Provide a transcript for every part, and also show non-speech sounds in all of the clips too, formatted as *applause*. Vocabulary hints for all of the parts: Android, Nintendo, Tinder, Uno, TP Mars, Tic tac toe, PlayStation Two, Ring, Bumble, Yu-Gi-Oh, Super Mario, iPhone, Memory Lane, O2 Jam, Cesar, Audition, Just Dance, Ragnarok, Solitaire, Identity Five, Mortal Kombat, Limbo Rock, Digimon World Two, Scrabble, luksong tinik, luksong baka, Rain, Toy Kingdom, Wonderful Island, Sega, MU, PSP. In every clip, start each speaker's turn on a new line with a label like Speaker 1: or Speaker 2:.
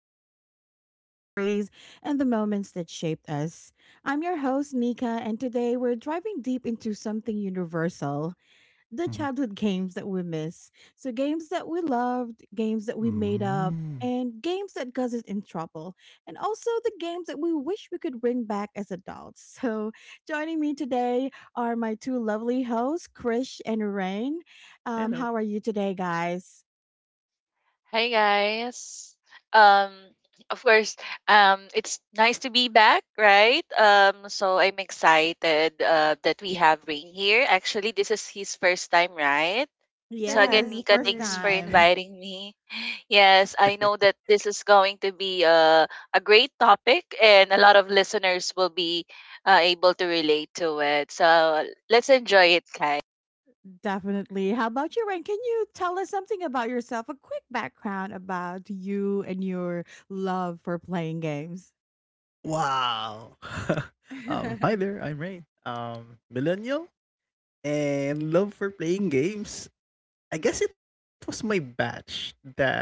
Speaker 1: nostalgia, stories, and the moments that shaped us. I'm your host, Nika, and today we're driving deep into something universal the
Speaker 2: Mhm.
Speaker 1: childhood games that we miss. So games that we loved, games that we made up,
Speaker 2: Mm.
Speaker 1: and games that got us in trouble, and also the games that we wish we could bring back as adults. *laughs* So joining me today are my two lovely hosts, Krish and Rain. How are
Speaker 2: Hello.
Speaker 1: you today, guys?
Speaker 3: Hi guys. Um of course, it's nice to be back, right? So I'm excited that we have Ring here. Actually, this is his first time, right? So
Speaker 1: Yeah,
Speaker 3: again,
Speaker 1: it's the
Speaker 3: Nika,
Speaker 1: first
Speaker 3: thanks
Speaker 2: Yay!
Speaker 3: for
Speaker 1: time.
Speaker 3: inviting me. *laughs* Yes, I know
Speaker 2: *laughs*
Speaker 3: that this is going to be a great topic and a lot of listeners will be able to relate to it. So let's enjoy it, guys.
Speaker 1: Definitely. How about you, Rain? Can you tell us something about yourself? A quick background about you and your love for playing games.
Speaker 2: Wow. *laughs* Hi
Speaker 1: *laughs*
Speaker 2: there, I'm Ray. Millennial and love for playing games. I guess it was my batch that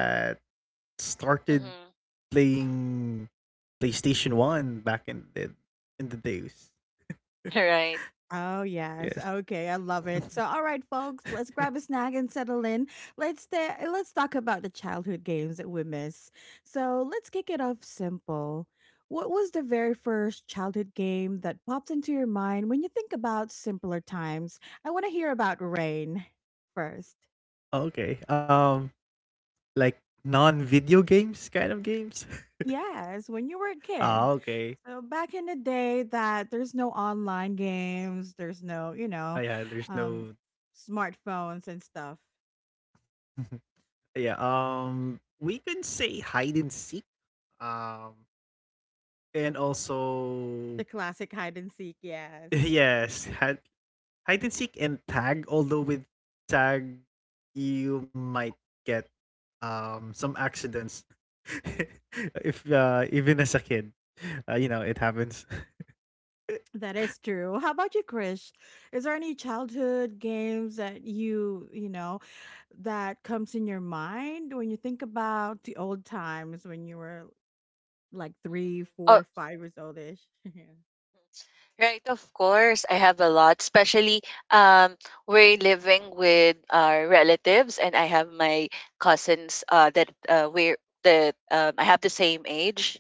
Speaker 2: started
Speaker 3: Mhm.
Speaker 2: playing PlayStation 1 back in the days.
Speaker 3: *laughs* All right.
Speaker 1: Oh, yes.
Speaker 2: Yes.
Speaker 1: Okay, I love it. So, all right, folks, let's grab a
Speaker 2: *laughs*
Speaker 1: snack and settle in. Let's talk about the childhood games that we miss. So, let's kick it off simple. What was the very first childhood game that popped into your mind when you think about simpler times? I want to hear about rain first.
Speaker 2: Okay. Like non-video games kind of games. *laughs*
Speaker 1: Yes, when you were a kid.
Speaker 2: Ah, okay.
Speaker 1: So back in the day that there's no online games, there's no,
Speaker 2: Ah, yeah, there's
Speaker 1: um
Speaker 2: no.
Speaker 1: smartphones and stuff.
Speaker 2: Yeah, we can say hide and seek. Um and also
Speaker 1: The classic hide and seek,
Speaker 2: *laughs*
Speaker 1: yes.
Speaker 2: yes, hide and seek and tag, although with tag you might get some accidents *laughs* if even as a kid, you know it happens. *laughs*
Speaker 1: That is true. How about you, Krish? Is there any childhood games that you, that comes in your mind when you think about the old times when you were like
Speaker 3: Mhm.
Speaker 1: three,
Speaker 3: Oh.
Speaker 1: four, 5 years oldish? *laughs*
Speaker 3: Right, of course. I have a lot, especially um, we're living with our relatives, and I have my cousins that I have the same age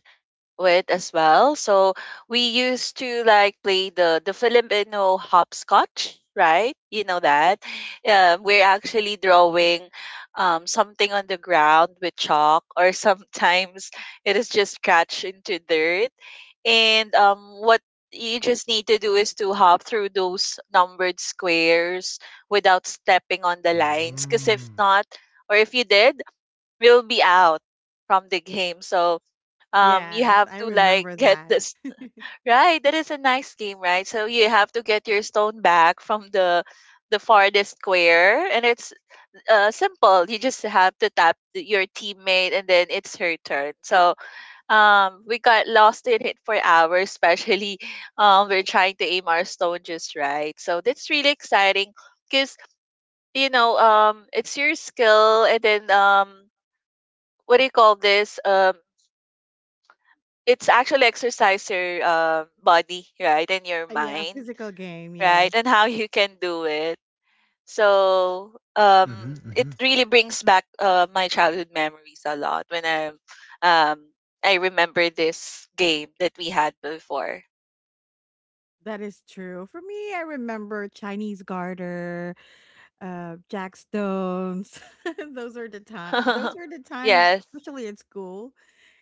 Speaker 3: with as well. So we used to like play the Filipino hopscotch, right? You know that. We're actually drawing something on the ground with chalk, or *laughs* sometimes it is just scratched into dirt. And what you just need to do is to hop through those numbered squares without stepping on the lines. Because if
Speaker 2: Mm-hmm,
Speaker 3: not, or if you did, we'll be out from the game. So you
Speaker 1: Yeah, yes,
Speaker 3: have
Speaker 1: I
Speaker 3: to like
Speaker 1: remember
Speaker 3: *laughs* get
Speaker 1: that.
Speaker 3: this
Speaker 1: *laughs*
Speaker 3: right. That is a nice game, right? So you have to get your stone back from the farthest square, and it's simple. You just have to tap your teammate and then it's her turn. So we got lost in it for hours, especially *laughs* we're trying to aim our stone just right, so that's really exciting. Because you know it's your skill and then what do you call this it's actually exercise your body, right, and your
Speaker 1: Yeah,
Speaker 3: mind,
Speaker 1: physical game.
Speaker 3: right,
Speaker 1: Yes,
Speaker 3: and how you can do it. So it
Speaker 2: mm-hmm.
Speaker 3: really brings back my childhood memories a lot when um I remember this game that we had before.
Speaker 1: that is true. For me, I remember Chinese garter, jackstones. *laughs* Those are the time. Those
Speaker 3: *laughs*
Speaker 1: were the times,
Speaker 3: Yes,
Speaker 1: especially at school.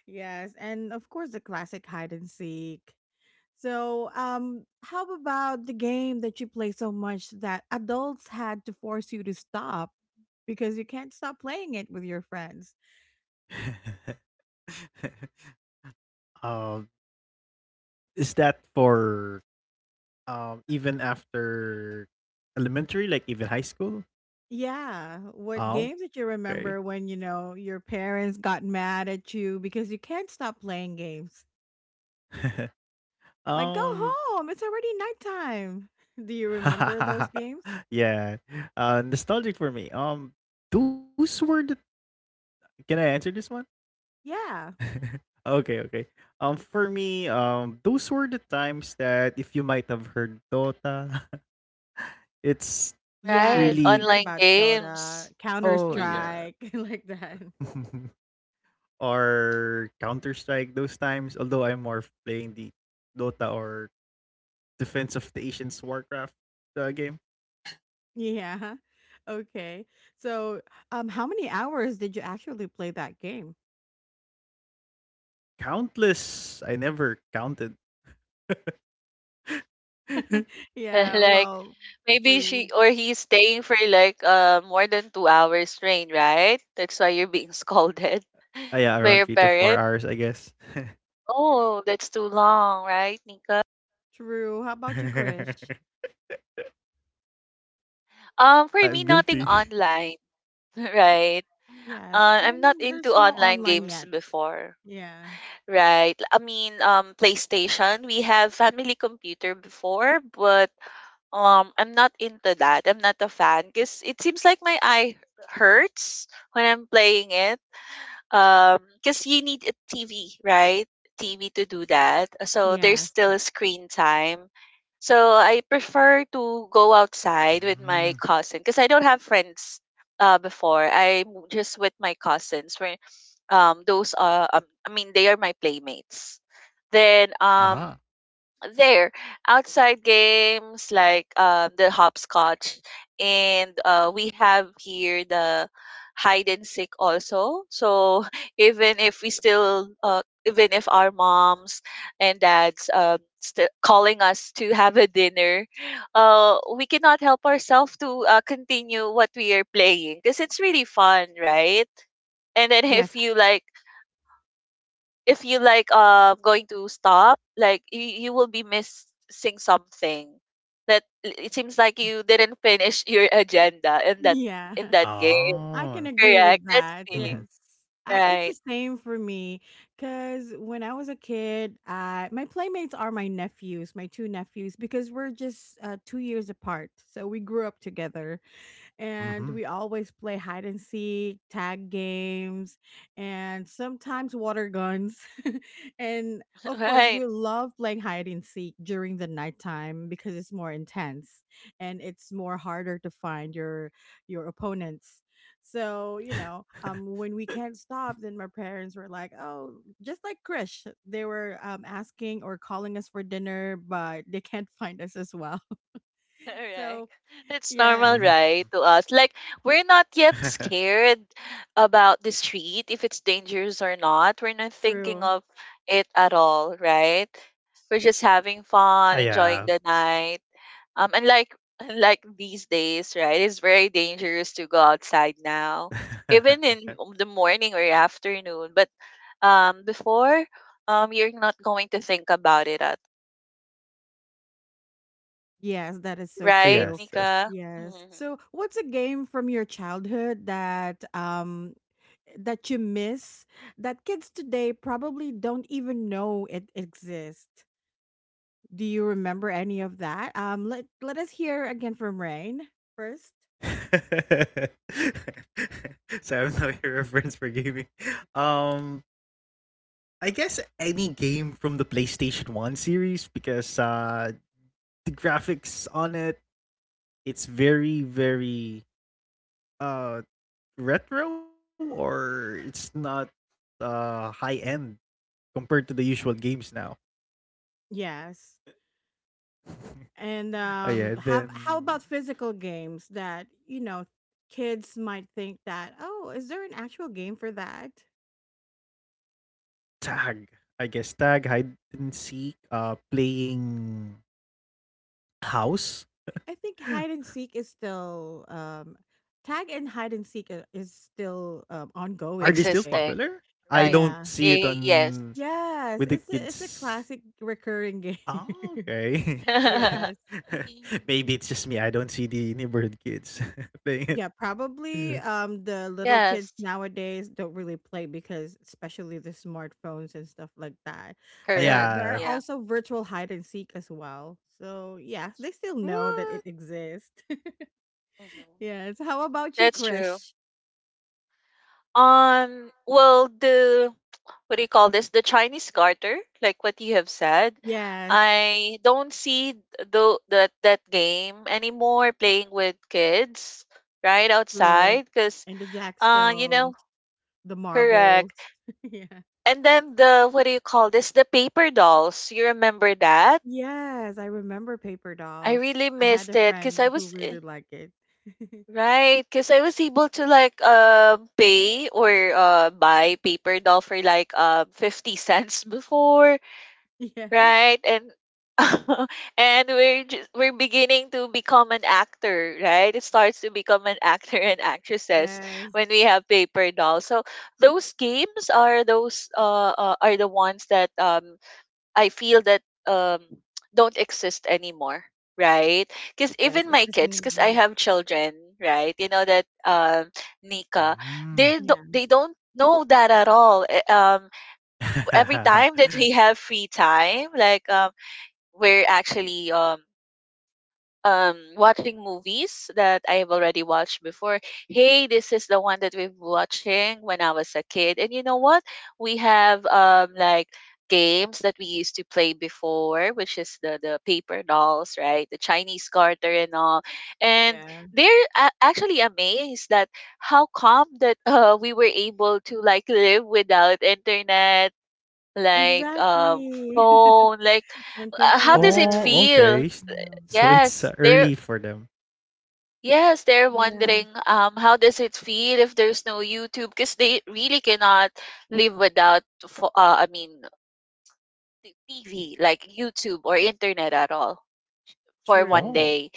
Speaker 1: Yes, and of course the classic hide and seek. So, how about the game that you play so much that adults had to force you to stop because you can't stop playing it with your friends?
Speaker 2: *laughs* uh, is that for even after elementary, like even high school?
Speaker 1: Yeah, what
Speaker 2: Oh,
Speaker 1: game did you
Speaker 2: okay.
Speaker 1: remember when you know your parents got mad at you because you can't stop playing games?
Speaker 2: *laughs*
Speaker 1: Like, go
Speaker 2: um,
Speaker 1: home, it's already nighttime. *laughs* Do you remember those
Speaker 2: *laughs*
Speaker 1: games?
Speaker 2: yeah. Nostalgic for me. Those were the. Can I answer this one?
Speaker 1: Yeah.
Speaker 2: *laughs* Okay, okay. For me, those were the times that if you might have heard Dota, *laughs* it's
Speaker 3: right,
Speaker 1: Yes, we heard
Speaker 3: online
Speaker 1: about
Speaker 2: really.
Speaker 1: Dota,
Speaker 3: games.
Speaker 1: Counter
Speaker 3: *laughs*
Speaker 1: Strike,
Speaker 2: Oh
Speaker 1: *laughs* like
Speaker 2: yeah.
Speaker 1: that.
Speaker 2: *laughs* Or Counter Strike those times. Although I'm more of playing the Dota or Defense of the Asians Warcraft game.
Speaker 1: Yeah. Okay. So, how many hours did you actually play that game?
Speaker 2: Countless, I never counted.
Speaker 3: *laughs*
Speaker 1: Yeah,
Speaker 2: *laughs*
Speaker 3: Like
Speaker 1: well,
Speaker 3: maybe she
Speaker 1: true.
Speaker 3: or he's staying for like more than 2 hours train, right? That's why you're being scolded *laughs* by your
Speaker 2: Ah, yeah,
Speaker 3: parent.
Speaker 2: around 3 to 4 hours, I guess.
Speaker 3: Oh, that's too long, right, Nika?
Speaker 1: True. How about you, Krish?
Speaker 2: *laughs*
Speaker 3: For me, nothing
Speaker 2: I'm
Speaker 3: online,
Speaker 2: guilty.
Speaker 3: *laughs* right?
Speaker 1: Yes.
Speaker 3: I'm not
Speaker 1: When
Speaker 3: into
Speaker 1: there's no
Speaker 3: online
Speaker 1: online
Speaker 3: games
Speaker 1: yet.
Speaker 3: before,
Speaker 1: Yeah.
Speaker 3: right? I mean, PlayStation. We have family computer before, but I'm not into that. I'm not a fan because it seems like my eye hurts when I'm playing it because you need a TV, right? TV to do that, so there's
Speaker 1: Yes.
Speaker 3: still a screen time. So I prefer to go outside with my cousin because I
Speaker 2: Mm.
Speaker 3: don't have friends before. I'm just with my cousins, where those are I mean they are my playmates. Then
Speaker 2: Aha.
Speaker 3: There outside games like the hopscotch and we have here the hide and seek also. So *laughs* even if we still even if our moms and dads still calling us to have a dinner, we cannot help ourselves to continue what we are playing because it's really fun, right? And then
Speaker 1: Yes.
Speaker 3: if
Speaker 1: *laughs*
Speaker 3: you like, if you like going to stop, like you will be missing something, that it seems like you didn't finish your agenda in that,
Speaker 1: Yeah.
Speaker 3: in that game.
Speaker 1: I can agree
Speaker 3: Correct,
Speaker 1: with
Speaker 2: Oh. *laughs*
Speaker 3: that's
Speaker 1: that.
Speaker 3: really
Speaker 1: Yes.
Speaker 2: Mm-hmm.
Speaker 1: It's the
Speaker 3: right.
Speaker 1: same for me because when I was a kid, my playmates are my nephews, my two nephews, because we're just 2 years apart. So we grew up together. And we always play hide and seek, tag games, and sometimes water guns. *laughs* And
Speaker 3: *laughs*
Speaker 1: of course,
Speaker 3: Right,
Speaker 1: we love playing hide and seek during the nighttime because it's more intense, and it's more harder to find your opponents. So, you know, when we can't stop, then my parents were like, "Oh, just like Krish, they were asking or calling us for dinner, but they can't find us as well." *laughs*
Speaker 3: correct.
Speaker 1: So,
Speaker 3: That's normal,
Speaker 1: yes,
Speaker 2: Mm-hmm.
Speaker 3: right? To us, like, we're not yet
Speaker 2: *laughs*
Speaker 3: scared about the street, if it's dangerous or not. We're not thinking
Speaker 1: true.
Speaker 3: of it at all, right? We're just having fun,
Speaker 2: Ah,
Speaker 3: enjoying the
Speaker 2: yeah.
Speaker 3: night. And like these days, right? It's very dangerous to go outside now, even in the morning or afternoon. But before, you're not going to think about it at,
Speaker 1: Yes, that is so
Speaker 2: *laughs*
Speaker 3: right,
Speaker 1: true.
Speaker 2: Yes, yes.
Speaker 3: Nika?
Speaker 1: Yes.
Speaker 3: Mhm.
Speaker 1: So, what's a game from your childhood that that you miss that kids today probably don't even know it exists? Do you remember any of that? Let us hear again from Rain first.
Speaker 2: *laughs* So I have no *laughs* reference for gaming. Um, I guess any game from the PlayStation One series because the graphics on it, it's very uh retro, or it's not high end compared to the usual games now.
Speaker 1: Yes. And
Speaker 2: Oh yeah,
Speaker 1: have how
Speaker 2: then
Speaker 1: about physical games that, you know, kids might think that, "Oh, is there an actual game for that?"
Speaker 2: tag. I guess tag, hide and seek. Playing house.
Speaker 1: I think hide and seek is still tag and hide and seek is still
Speaker 2: Are they still
Speaker 1: ongoing
Speaker 2: popular?
Speaker 1: today.
Speaker 3: Existing,
Speaker 2: I don't
Speaker 3: right?
Speaker 2: see it
Speaker 1: Yeah.
Speaker 3: Y-
Speaker 2: on
Speaker 3: yes,
Speaker 2: with the
Speaker 1: Yes, it's a
Speaker 2: kids.
Speaker 1: classic recurring game.
Speaker 2: Oh, okay.
Speaker 1: *laughs* Yes.
Speaker 3: *laughs*
Speaker 2: *laughs* Maybe it's just me. I don't see the neighborhood kids *laughs* playing it.
Speaker 1: Yeah, probably
Speaker 2: Yeah.
Speaker 1: the little kids
Speaker 3: yes,
Speaker 1: nowadays don't really play because especially the smartphones and stuff like that.
Speaker 2: Ah,
Speaker 3: correct.
Speaker 1: But there are
Speaker 2: yeah.
Speaker 3: Yeah,
Speaker 1: also virtual hide and seek as well. So, yes, they still know that it
Speaker 2: What?
Speaker 1: exists. *laughs*
Speaker 3: hmm,
Speaker 1: Yes. How about you,
Speaker 3: that's true.
Speaker 1: Krish?
Speaker 3: Well, the *tsk* what do you call this? The Chinese garter, like what you have said.
Speaker 1: Yes.
Speaker 3: I don't see the that game anymore playing with kids, right?
Speaker 1: True.
Speaker 3: Outside because
Speaker 1: And the
Speaker 3: uh you know
Speaker 1: jackstones, the
Speaker 3: correct.
Speaker 1: marbles. *laughs* Yeah.
Speaker 3: And then the what do you call this? The paper dolls. You remember that?
Speaker 1: Yes, I remember paper
Speaker 3: I
Speaker 1: dolls.
Speaker 3: really
Speaker 1: I had
Speaker 3: missed
Speaker 1: a
Speaker 3: it because
Speaker 1: friend
Speaker 3: I
Speaker 1: who
Speaker 3: was eh,
Speaker 1: really liked it. *laughs*
Speaker 3: right, because I was able to like pay or buy paper doll for like 50 cents *laughs* cents before,
Speaker 1: Yes.
Speaker 3: right? And *laughs* and we're beginning to become an actor, right? It starts to become an actor and actresses
Speaker 1: Yes.
Speaker 3: when we have paper dolls. So those games are those are the ones that I feel that um don't exist anymore, right? Because
Speaker 1: Yes,
Speaker 3: even
Speaker 1: it
Speaker 3: my
Speaker 1: doesn't
Speaker 3: kids, because I
Speaker 1: exist.
Speaker 3: have children, right? You know that Nika, they
Speaker 1: Yeah.
Speaker 3: they don't know that at all. Eh, um,
Speaker 2: Mm.
Speaker 3: every time that we have free time, like we're actually watching movies that I have already watched before. Hey, this is the one that we've watching when I was a kid. And you know what? We have like games that we used to play before, which is the paper dolls, right? The Chinese garter and all. And
Speaker 1: Yeah.
Speaker 3: they're actually amazed that how come that *laughs* we were able to like live without internet, like
Speaker 1: Exactly.
Speaker 3: phone, like
Speaker 1: *laughs* And
Speaker 2: *laughs*
Speaker 3: how does it
Speaker 1: computers.
Speaker 2: Oh,
Speaker 3: feel?
Speaker 2: okay. S-
Speaker 1: Yeah.
Speaker 2: So it's
Speaker 3: Yes, they're,
Speaker 2: early for them.
Speaker 3: yes, they're
Speaker 1: Yes.
Speaker 3: wondering how does it feel if there's no YouTube, because they really cannot live without I mean TV, like YouTube or internet at all for one
Speaker 1: True.
Speaker 2: Oh,
Speaker 3: day.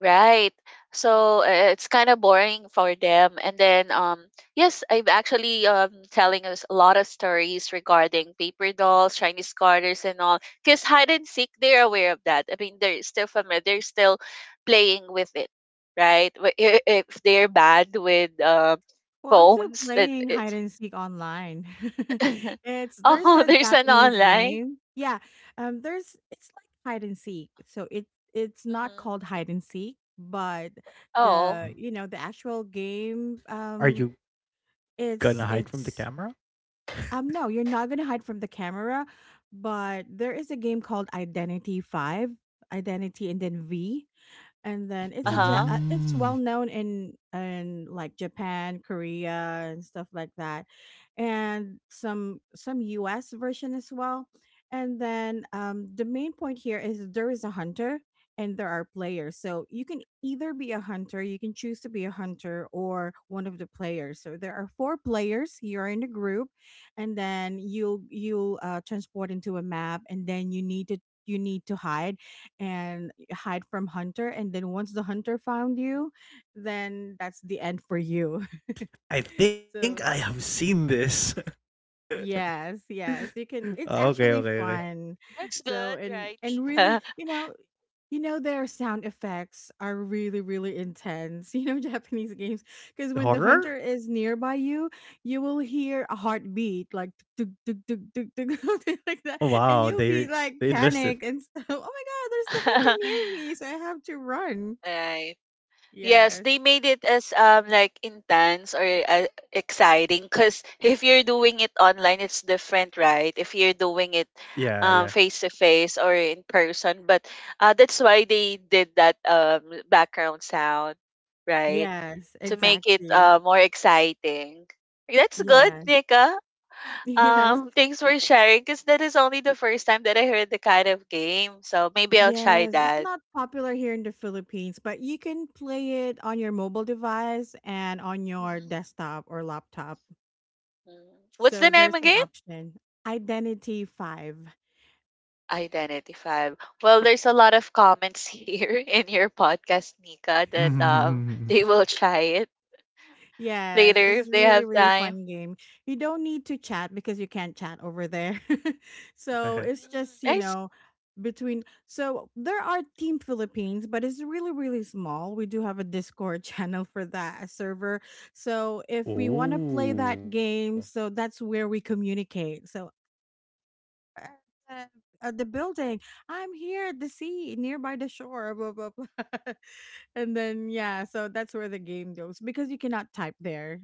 Speaker 3: Right. So it's kind of boring for them. And then, yes, I'm actually telling us a lot of stories regarding paper dolls, Chinese garters, and all. Because hide and seek, they're aware of that. I mean, they're still familiar. They're still playing with it, right? If they're bad with
Speaker 1: Well, I'm still
Speaker 3: phones, that
Speaker 1: playing hide
Speaker 3: it's
Speaker 1: and seek online. *laughs*
Speaker 3: *laughs*
Speaker 1: it's There's
Speaker 3: oh,
Speaker 1: a
Speaker 3: there's an
Speaker 1: Japanese
Speaker 3: online.
Speaker 1: game. Yeah, there's it's like hide and seek. So it's not
Speaker 3: Hmm.
Speaker 1: called hide and seek, but
Speaker 3: Oh,
Speaker 1: the you know the actual game.
Speaker 2: are you gonna hide from the camera?
Speaker 1: It's No, you're not gonna hide from the camera, but there is a game called Identity Five, Identity and then V. And then it's
Speaker 3: uh
Speaker 1: a ja-
Speaker 3: huh.
Speaker 1: uh, it's *laughs*
Speaker 2: Mm.
Speaker 1: well known in like Japan, Korea, and stuff like that, and some U.S. version as well. And then the main point here is there is a hunter and there are players. So you can either be a hunter, you can choose to be a hunter or one of the players. So there are four players. You're in a group, and then you'll transport into a map, and then you need to hide and hide from hunter, and then once the hunter found you, then that's the end for you.
Speaker 2: I think
Speaker 1: *laughs*
Speaker 2: I
Speaker 1: So
Speaker 2: have seen this.
Speaker 1: yes, yes, you
Speaker 2: *laughs*
Speaker 1: can. It's
Speaker 2: Okay,
Speaker 1: actually
Speaker 2: okay, okay.
Speaker 1: fun.
Speaker 3: That's
Speaker 1: So
Speaker 3: good,
Speaker 1: and
Speaker 3: right,
Speaker 1: and really,
Speaker 3: Nika?
Speaker 1: their sound effects are really, really intense. *laughs* You know, Japanese games. Because when the hunter
Speaker 2: Horror?
Speaker 1: is nearby, you will hear a heartbeat like tuk, tuk, tuk, tuk, tuk, *laughs* something
Speaker 2: Oh
Speaker 1: like that,
Speaker 2: wow,
Speaker 1: and you'll be
Speaker 2: they
Speaker 1: like
Speaker 2: invested.
Speaker 1: panic and stuff. *laughs* Oh my god, there's the hunter near me,
Speaker 3: *laughs*
Speaker 1: so I have to run.
Speaker 3: Right. Yes,
Speaker 1: Yes.
Speaker 3: they made it as like intense or exciting because *laughs* if you're doing it online, it's different, right? If you're doing it
Speaker 2: Yeah, yeah.
Speaker 3: face to face or in person, but that's why they did that background sound, right?
Speaker 1: Yes,
Speaker 3: To make it
Speaker 1: exactly.
Speaker 3: more exciting. That's good,
Speaker 1: Yes. *laughs*
Speaker 3: Nika.
Speaker 1: Yes.
Speaker 3: *laughs* Thanks for sharing because that is only the first time that I heard the kind of game, so maybe I'll try
Speaker 1: Yes. It's
Speaker 3: that.
Speaker 1: not popular here in the Philippines, but you can play it on your mobile device and on your
Speaker 3: Mhm.
Speaker 1: desktop or laptop.
Speaker 3: Mhm. What's the
Speaker 1: So
Speaker 3: name
Speaker 1: there's an
Speaker 3: again?
Speaker 1: option. Identity 5.
Speaker 3: Identify. Well, there's a lot of comments here *laughs* in your podcast, Nika, that
Speaker 1: *laughs*
Speaker 3: they will try it
Speaker 1: Yes,
Speaker 3: later
Speaker 1: it's
Speaker 3: if they
Speaker 1: really,
Speaker 3: have
Speaker 1: really
Speaker 3: time.
Speaker 1: fun game. You don't need to chat because you can't chat over there. *laughs* So it's
Speaker 3: Mm,
Speaker 1: just,
Speaker 3: I see.
Speaker 1: between so there are Team Philippines, but it's really, really small. We do have a Discord *laughs* channel for that, a server. So if
Speaker 2: *laughs*
Speaker 1: we want to play that
Speaker 2: Oh,
Speaker 1: game, so that's where we communicate. So uh, uh, the building, I'm here at the sea, nearby the shore, blah, blah, blah. *laughs* And then, yeah, so that's where the game goes because you cannot type there,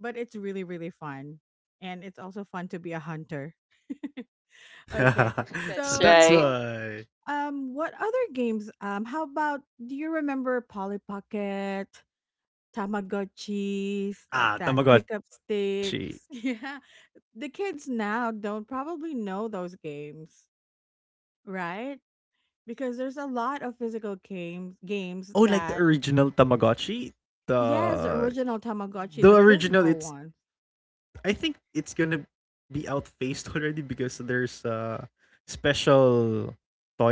Speaker 1: but it's really, really fun, and it's also fun to be a hunter. Okay,
Speaker 3: *laughs*
Speaker 2: *laughs* so
Speaker 3: That's
Speaker 1: so
Speaker 2: that's
Speaker 3: right.
Speaker 1: now,
Speaker 2: why.
Speaker 1: what other games, how about, do you remember Polly Pocket, Tamagotchis, like
Speaker 2: Ah,
Speaker 1: that, pickup
Speaker 2: Tamagotchi.
Speaker 1: sticks? *laughs* Yeah, the kids now don't probably know those games, right? Because there's a lot of physical games
Speaker 2: Oh, like the
Speaker 1: that,
Speaker 3: Mhm.
Speaker 2: original Tamagotchi.
Speaker 1: yes, the
Speaker 2: The
Speaker 1: original Tamagotchi,
Speaker 2: the
Speaker 1: the
Speaker 2: original.
Speaker 1: physical
Speaker 2: It's
Speaker 1: one,
Speaker 2: I think it's gonna be outfaced already because there's a special toy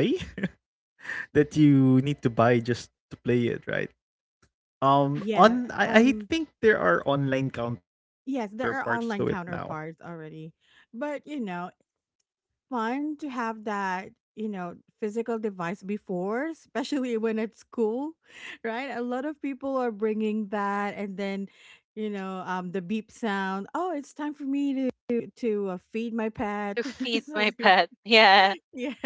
Speaker 2: *laughs* that you need to buy just to play it, right?
Speaker 1: yeah,
Speaker 2: I
Speaker 1: um
Speaker 2: think there are online counterparts to
Speaker 1: Yes,
Speaker 2: it
Speaker 1: there are
Speaker 2: now.
Speaker 1: online counterparts already. But, fun to have that, physical device before, *laughs* especially when at school, *laughs* right? A lot of people are bringing that, and then, the beep sound, oh, it's time for me to feed my pet,
Speaker 3: To
Speaker 1: *laughs*
Speaker 3: feed my
Speaker 1: something.
Speaker 3: pet. Yeah.
Speaker 1: *laughs* Yes.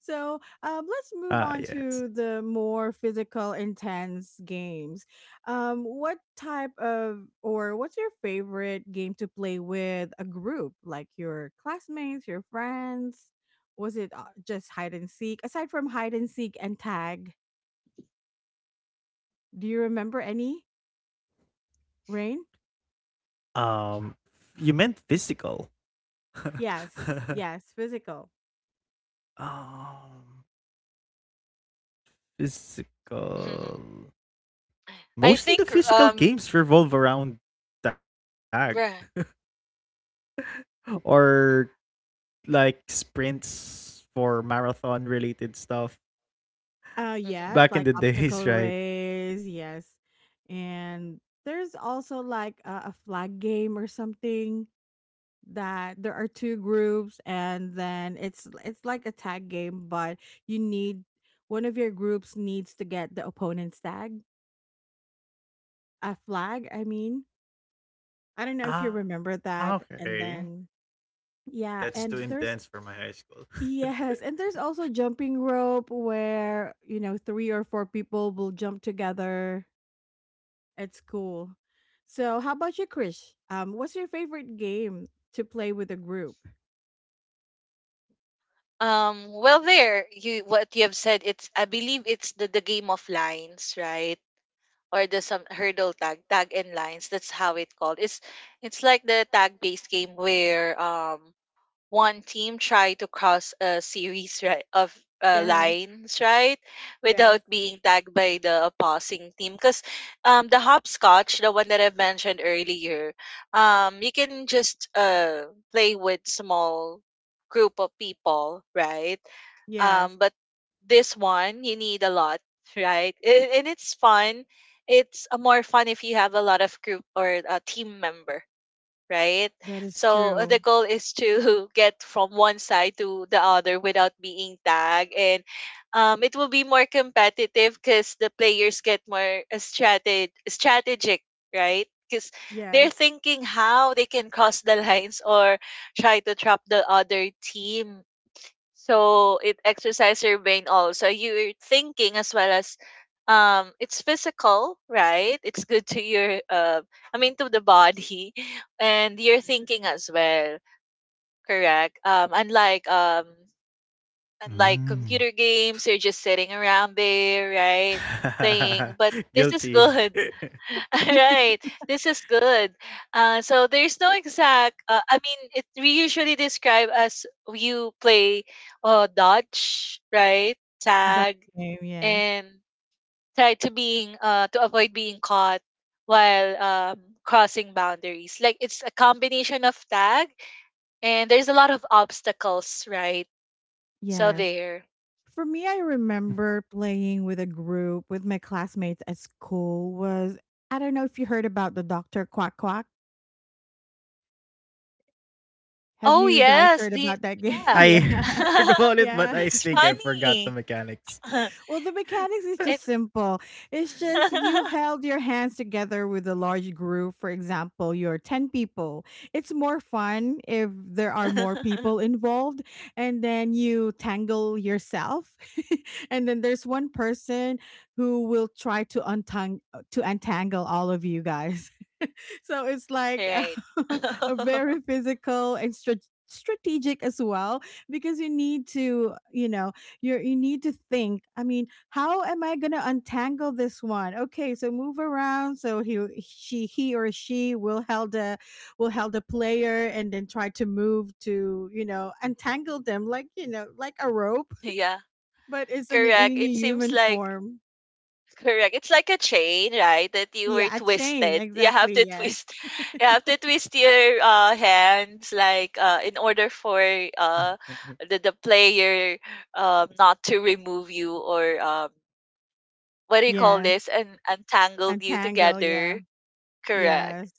Speaker 1: So, let's
Speaker 2: Ah,
Speaker 1: move on
Speaker 2: yes.
Speaker 1: to the more physical, intense games. What type of, or what's your favorite game to play with a group, like your classmates, your friends? Was it just hide and seek? Aside from hide and seek and tag, do you remember any, Rain?
Speaker 2: Um, you meant physical. *laughs*
Speaker 1: Yes. Yes. Physical.
Speaker 2: Um,
Speaker 3: *laughs*
Speaker 2: physical.
Speaker 3: I
Speaker 2: Mostly
Speaker 3: think
Speaker 2: the physical games revolve around tag
Speaker 3: right.
Speaker 2: or like sprints for marathon related stuff
Speaker 3: Mhm.
Speaker 1: Yes,
Speaker 2: back
Speaker 1: like
Speaker 2: in the *laughs*
Speaker 1: obstacle
Speaker 2: days, right?
Speaker 1: race, yes. And there's also like a flag game or something that there are two groups, and then it's like a tag game, but you need one of your groups needs to get the opponent's tag, a flag, I mean. I don't know if you
Speaker 2: Ah,
Speaker 1: remember
Speaker 2: okay.
Speaker 1: that. And then
Speaker 2: That's too
Speaker 1: yeah,
Speaker 2: intense for my
Speaker 1: and
Speaker 2: high
Speaker 1: there's
Speaker 2: school.
Speaker 1: *laughs* yes, and there's also jumping rope where, you know, three or four people will jump together. It's cool. So, how about you, Krish? What's your favorite game to play with a group?
Speaker 3: Well, there you what you have said, it's I believe it's the game of lines, right? Or the some hurdle tag, tag and lines. That's how it called. It's like the tag based game where one team try to cross a series, right, of
Speaker 1: Yes,
Speaker 3: lines, right, without
Speaker 1: yes,
Speaker 3: being tagged by the opposing team. Because the hopscotch, the one that I've mentioned earlier, you can just play with small group of people, right?
Speaker 1: yes.
Speaker 3: But this one you need a lot, right? And it's fun. It's more fun if you have a lot of group or a team member, right?
Speaker 1: That is
Speaker 3: So the
Speaker 1: true.
Speaker 3: goal is to *laughs* get from one side to the other without being tagged, and it will be more competitive because the players get more strategic, right? Because they're
Speaker 1: Yes,
Speaker 3: thinking how they can cross the lines or try to trap the other team, so it exercises your brain also. You're thinking as well as it's physical, right? It's good to your I mean to the body *laughs* and you're thinking as well, correct? Unlike
Speaker 2: Mm.
Speaker 3: computer games, you're just sitting around there, right?
Speaker 2: *laughs*
Speaker 3: Playing. But this is *laughs*
Speaker 2: Guilty.
Speaker 3: good.
Speaker 2: *laughs*
Speaker 3: *laughs* All right. This is good. So there's no exact. I mean, it we usually describe as you play dodge, right?
Speaker 1: the dog
Speaker 3: Tag,
Speaker 1: game. Yes,
Speaker 3: and try to being to avoid being caught while crossing boundaries. Like it's a combination of tag and there's a lot of obstacles, right? So
Speaker 1: yes.
Speaker 3: there.
Speaker 1: For me, I remember playing with a group with my classmates at school. Was I don't know if you heard about the Doctor Quack Quack. Have
Speaker 3: Oh
Speaker 1: you guys
Speaker 3: yes,
Speaker 1: heard
Speaker 3: the
Speaker 1: about that game? *laughs*
Speaker 3: yeah.
Speaker 2: I
Speaker 1: Yeah,
Speaker 3: *laughs*
Speaker 2: heard about it, but
Speaker 1: yeah.
Speaker 2: I
Speaker 3: That's
Speaker 2: think I forgot the
Speaker 3: funny.
Speaker 2: mechanics.
Speaker 3: *laughs*
Speaker 1: Well, the mechanics is just
Speaker 3: It
Speaker 1: simple. It's just you
Speaker 3: *laughs*
Speaker 1: held your hands together with a large group. For example, you're 10 people. It's more fun if there are more people
Speaker 3: *laughs*
Speaker 1: involved, and then you tangle yourself. *laughs* And then there's one person who will try to untangle all of you guys, so it's like
Speaker 3: Right.
Speaker 1: a *laughs* a
Speaker 3: *laughs*
Speaker 1: very physical and strategic as well, because you need to, you need to think. I mean, how am I going to untangle this one? Okay, so move around, so he or she will held a player, and then try to move to, untangle them, like, like a rope,
Speaker 3: Yeah,
Speaker 1: but it's
Speaker 3: correct.
Speaker 1: in a
Speaker 3: It seems
Speaker 1: human
Speaker 3: like
Speaker 1: form.
Speaker 3: correct. It's like a chain, right? That you were
Speaker 1: Yeah, a chain,
Speaker 3: twisted. You have
Speaker 1: exactly,
Speaker 3: to
Speaker 1: yes,
Speaker 3: twist. *laughs* You have to twist your hands, like in order for uh, the
Speaker 2: *laughs*
Speaker 3: player not to remove you or what do you call
Speaker 1: yes,
Speaker 3: this? And untangled you
Speaker 1: untangle, yeah.
Speaker 3: together. Correct.
Speaker 1: Yes,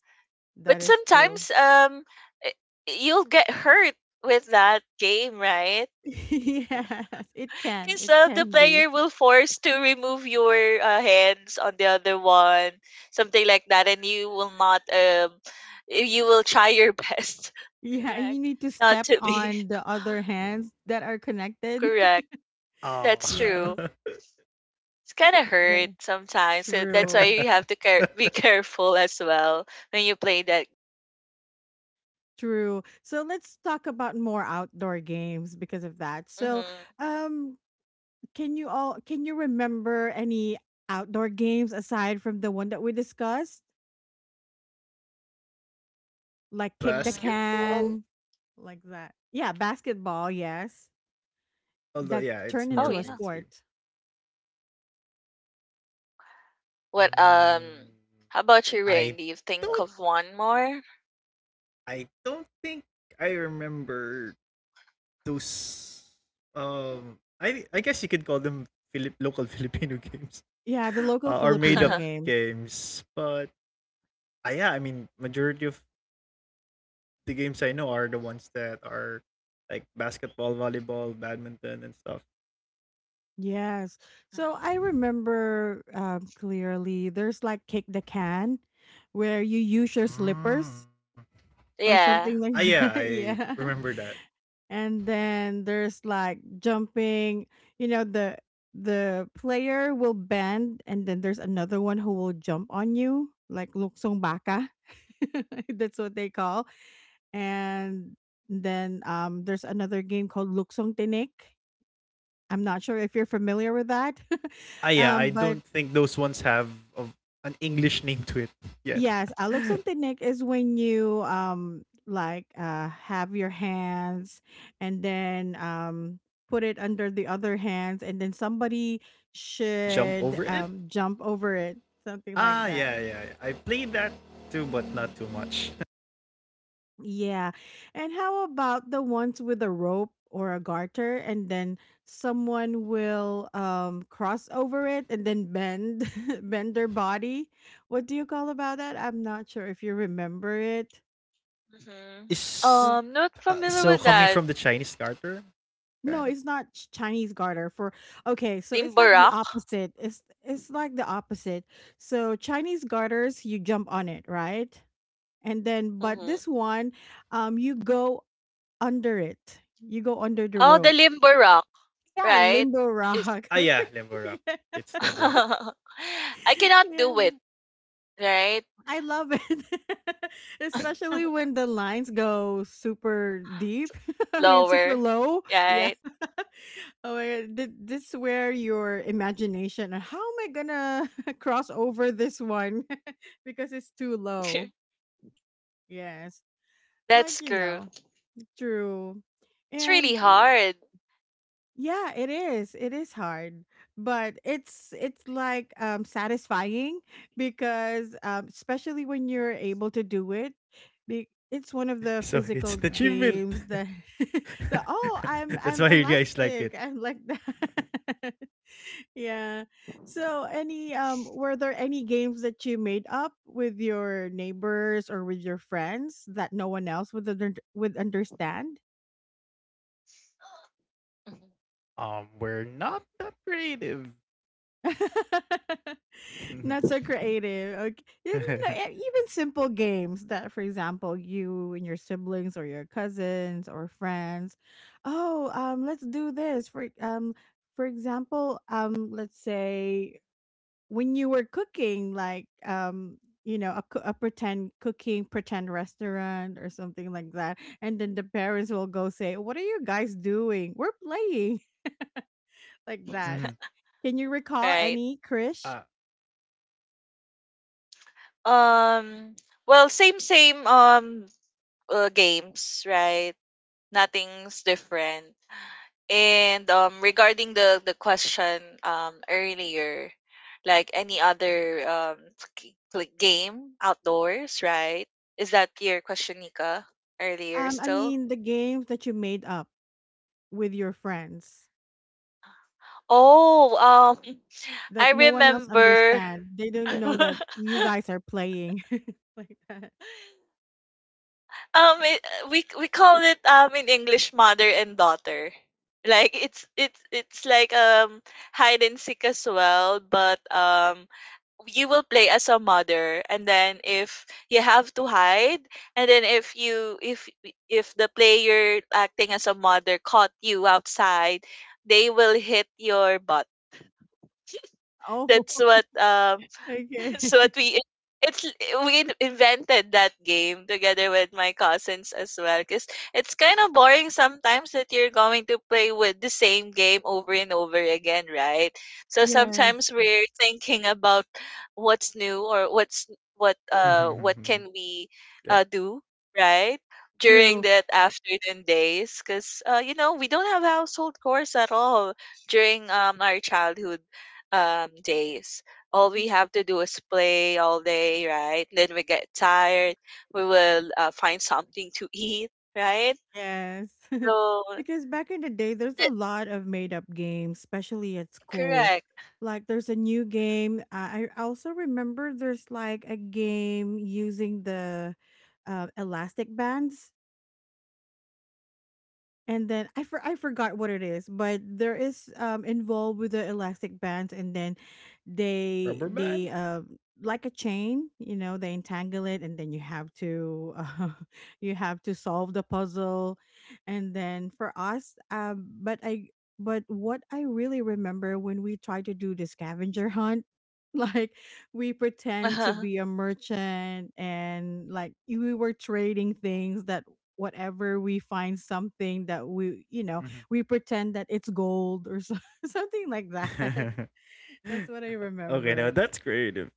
Speaker 1: that
Speaker 3: But
Speaker 1: is true.
Speaker 3: sometimes i- you'll get hurt with that game, right?
Speaker 1: *laughs* Yes, it can.
Speaker 3: Because
Speaker 1: It
Speaker 3: the
Speaker 1: can be.
Speaker 3: player will force to remove your hands on the other one, something like that, and you will not. You will try your best. *laughs*
Speaker 1: Yeah, and
Speaker 3: Correct.
Speaker 1: you need to
Speaker 3: Not
Speaker 1: step
Speaker 3: to be
Speaker 1: on the other hands that are
Speaker 3: *laughs*
Speaker 1: connected.
Speaker 3: correct.
Speaker 1: *laughs*
Speaker 3: That's
Speaker 1: yes,
Speaker 3: true.
Speaker 2: Oh,
Speaker 3: It's kind of hurt
Speaker 1: that,
Speaker 3: sometimes. So that's why
Speaker 1: true.
Speaker 3: you have to
Speaker 2: *laughs*
Speaker 3: be *laughs* careful as well when you play that.
Speaker 1: True. So let's talk about more outdoor games because of that.
Speaker 3: Mm-hmm.
Speaker 1: Um, can you remember any outdoor games aside from the one that we discussed, like kick the
Speaker 2: basketball.
Speaker 3: Mm.
Speaker 1: can, like that? Yeah, basketball. Yes,
Speaker 2: Although, yeah,
Speaker 1: that
Speaker 2: it's more
Speaker 1: turned
Speaker 3: Oh
Speaker 1: into a
Speaker 3: yeah.
Speaker 2: mainstream.
Speaker 1: sport.
Speaker 3: What um?
Speaker 2: Mm,
Speaker 3: How about you,
Speaker 2: I
Speaker 3: Rain? Do you think
Speaker 2: don't.
Speaker 3: of one more?
Speaker 2: I don't think I remember those. I guess you could call them Filip local *laughs* Filipino games,
Speaker 1: Yeah, the local
Speaker 2: or made
Speaker 1: Filipino
Speaker 2: up
Speaker 3: *laughs*
Speaker 1: games.
Speaker 2: games. But yeah, I mean, majority of the games I know are the ones that are like basketball, volleyball, badminton, and stuff.
Speaker 1: Yes. So I remember clearly there's like kick the can where you use your
Speaker 3: Mm.
Speaker 1: slippers or
Speaker 2: Ah,
Speaker 3: Yeah.
Speaker 1: something
Speaker 2: yeah,
Speaker 1: like *laughs*
Speaker 2: I
Speaker 1: that. Yeah.
Speaker 2: remember that.
Speaker 1: And then there's like jumping, you know, the the player will bend and then there's another one who will jump on you like luksong baka. *laughs* That's what they call. And then there's another game called luksong tinik. I'm not sure if you're familiar with that. *laughs*
Speaker 2: Ah, yeah, I
Speaker 1: But
Speaker 2: don't think those ones have a, an English name to it yet.
Speaker 1: yes, aluksuntinik is when you like have your hands and then put it under the other hands and then somebody
Speaker 2: Would jump
Speaker 1: should
Speaker 2: over it?
Speaker 1: jump over it, something like
Speaker 2: Ah,
Speaker 1: that.
Speaker 2: yeah, yeah. Yeah. I played that too, but not too much.
Speaker 1: Yeah. And how about the ones with a rope or a garter and then someone will cross over it and then bend *laughs* bend their body? What do you call about that? I'm not sure if you remember it.
Speaker 2: *laughs*
Speaker 3: Mhm.
Speaker 2: Is
Speaker 1: Uh,
Speaker 3: Not
Speaker 2: so
Speaker 3: familiar
Speaker 2: coming
Speaker 3: with
Speaker 2: from the
Speaker 3: that.
Speaker 2: Chinese character kind of.
Speaker 1: No, it's not Chinese garter for. Okay, so it's
Speaker 3: Limbo
Speaker 1: like the
Speaker 3: Rock?
Speaker 1: opposite. It's like the opposite. So Chinese garters you jump on it, right? And then but
Speaker 3: Mhm.
Speaker 1: this one you go under it. You go under the
Speaker 3: Oh, the
Speaker 1: rope.
Speaker 3: Limbo Rock,
Speaker 1: Yeah,
Speaker 3: right?
Speaker 1: limbo
Speaker 3: Is
Speaker 1: rock.
Speaker 2: Ah, yeah,
Speaker 1: *laughs*
Speaker 2: limbo rap.
Speaker 1: Yeah,
Speaker 2: It's limbo rap.
Speaker 3: *laughs* I cannot do
Speaker 1: yeah,
Speaker 3: it, right?
Speaker 1: I love it, *laughs* especially
Speaker 3: *laughs*
Speaker 1: when the lines go super deep, *laughs* I mean, super
Speaker 3: Lower,
Speaker 1: low. Yeah.
Speaker 3: right?
Speaker 1: *laughs* Oh my god, th this is where your imagination. "How am I gonna *laughs* cross over this one?" *laughs* Because it's too low.
Speaker 3: *laughs*
Speaker 1: Yes, like,
Speaker 3: That's
Speaker 1: you
Speaker 3: true.
Speaker 1: know, true,
Speaker 3: It's really
Speaker 1: and
Speaker 3: hard.
Speaker 1: yeah, it is. It is hard, but it's like satisfying because especially when you're able to do it.
Speaker 2: *laughs* So
Speaker 1: It's one of
Speaker 2: it's an
Speaker 1: the
Speaker 2: achievement.
Speaker 1: physical games that
Speaker 2: *laughs*
Speaker 1: *laughs* the oh,
Speaker 2: That's why you
Speaker 1: I'm
Speaker 2: guys like it.
Speaker 1: elastic. *laughs* I'm like that. *laughs* yeah. So any were there any games that you made up with your neighbors or with your friends that no one else would would understand?
Speaker 3: Mhm.
Speaker 2: We're not that creative.
Speaker 1: *laughs* Not so
Speaker 2: *laughs*
Speaker 1: creative. Okay. Yeah, no, even simple games that, for example, you and your siblings or your cousins or friends, oh, let's do this. For example, let's say when you were cooking, like, you know, a, a pretend cooking, pretend restaurant or something like that, and then the parents will go say, "What are you guys doing? We're playing *laughs* like that."
Speaker 2: Mhm.
Speaker 1: Can you recall
Speaker 3: Right?
Speaker 1: any, Krish?
Speaker 2: Ah.
Speaker 3: Um, well, same games, right? Nothing's different. And regarding the question earlier, like any other like game outdoors, right? Is that your question, Nika? Earlier
Speaker 1: I
Speaker 3: still?
Speaker 1: mean the games that you made up with your friends
Speaker 3: Oh, I
Speaker 1: that no one else
Speaker 3: remember.
Speaker 1: understands. They don't
Speaker 3: *laughs*
Speaker 1: know
Speaker 3: um,
Speaker 1: that you guys are playing *laughs* like that.
Speaker 3: it, we call it in English mother and daughter. Like it's like hide and seek as well, but you will play as a mother, and then if you have to hide, and then if you if the player acting as a mother caught you outside, they will hit your butt.
Speaker 1: Oh,
Speaker 3: That's
Speaker 1: *laughs*
Speaker 3: what. *laughs*
Speaker 1: okay.
Speaker 3: So what
Speaker 1: *laughs*
Speaker 3: we it's we invented that game together with my cousins as well, because it's kind of boring sometimes that you're going to play with the same game over and over again, right? So
Speaker 1: Yes,
Speaker 3: sometimes we're thinking about what's new, or what can
Speaker 2: *laughs*
Speaker 3: we
Speaker 2: Yeah,
Speaker 3: do, right, during
Speaker 1: true.
Speaker 3: that afternoon days, because we don't have household chores at all during our childhood days. All we have to do is play all day, right? Then we get tired. We will find something to eat, right?
Speaker 1: Yes. *laughs*
Speaker 3: So
Speaker 1: Because back in the day, there's a
Speaker 3: that.
Speaker 1: lot of made up games, especially at school.
Speaker 3: Correct.
Speaker 1: Like there's a new game. I also remember there's like a game using the elastic bands. And then I forgot what it is, but there is involved with the elastic bands, and then they
Speaker 2: rubber
Speaker 1: they
Speaker 2: band.
Speaker 1: uh like a chain, you know, they entangle it, and then you have to *laughs* you have to solve the puzzle, and then for us, but I but what I really remember when we try to do the scavenger hunt. *laughs* Like we pretend to
Speaker 3: Uh-huh. *laughs*
Speaker 1: be a merchant and like we were trading things that whatever we find something that we you know
Speaker 2: Mhm.
Speaker 1: we pretend that it's gold or so, *laughs* something like that. *laughs*
Speaker 2: *laughs*
Speaker 1: that's what I
Speaker 2: Okay, now
Speaker 1: remember.
Speaker 2: that's creative.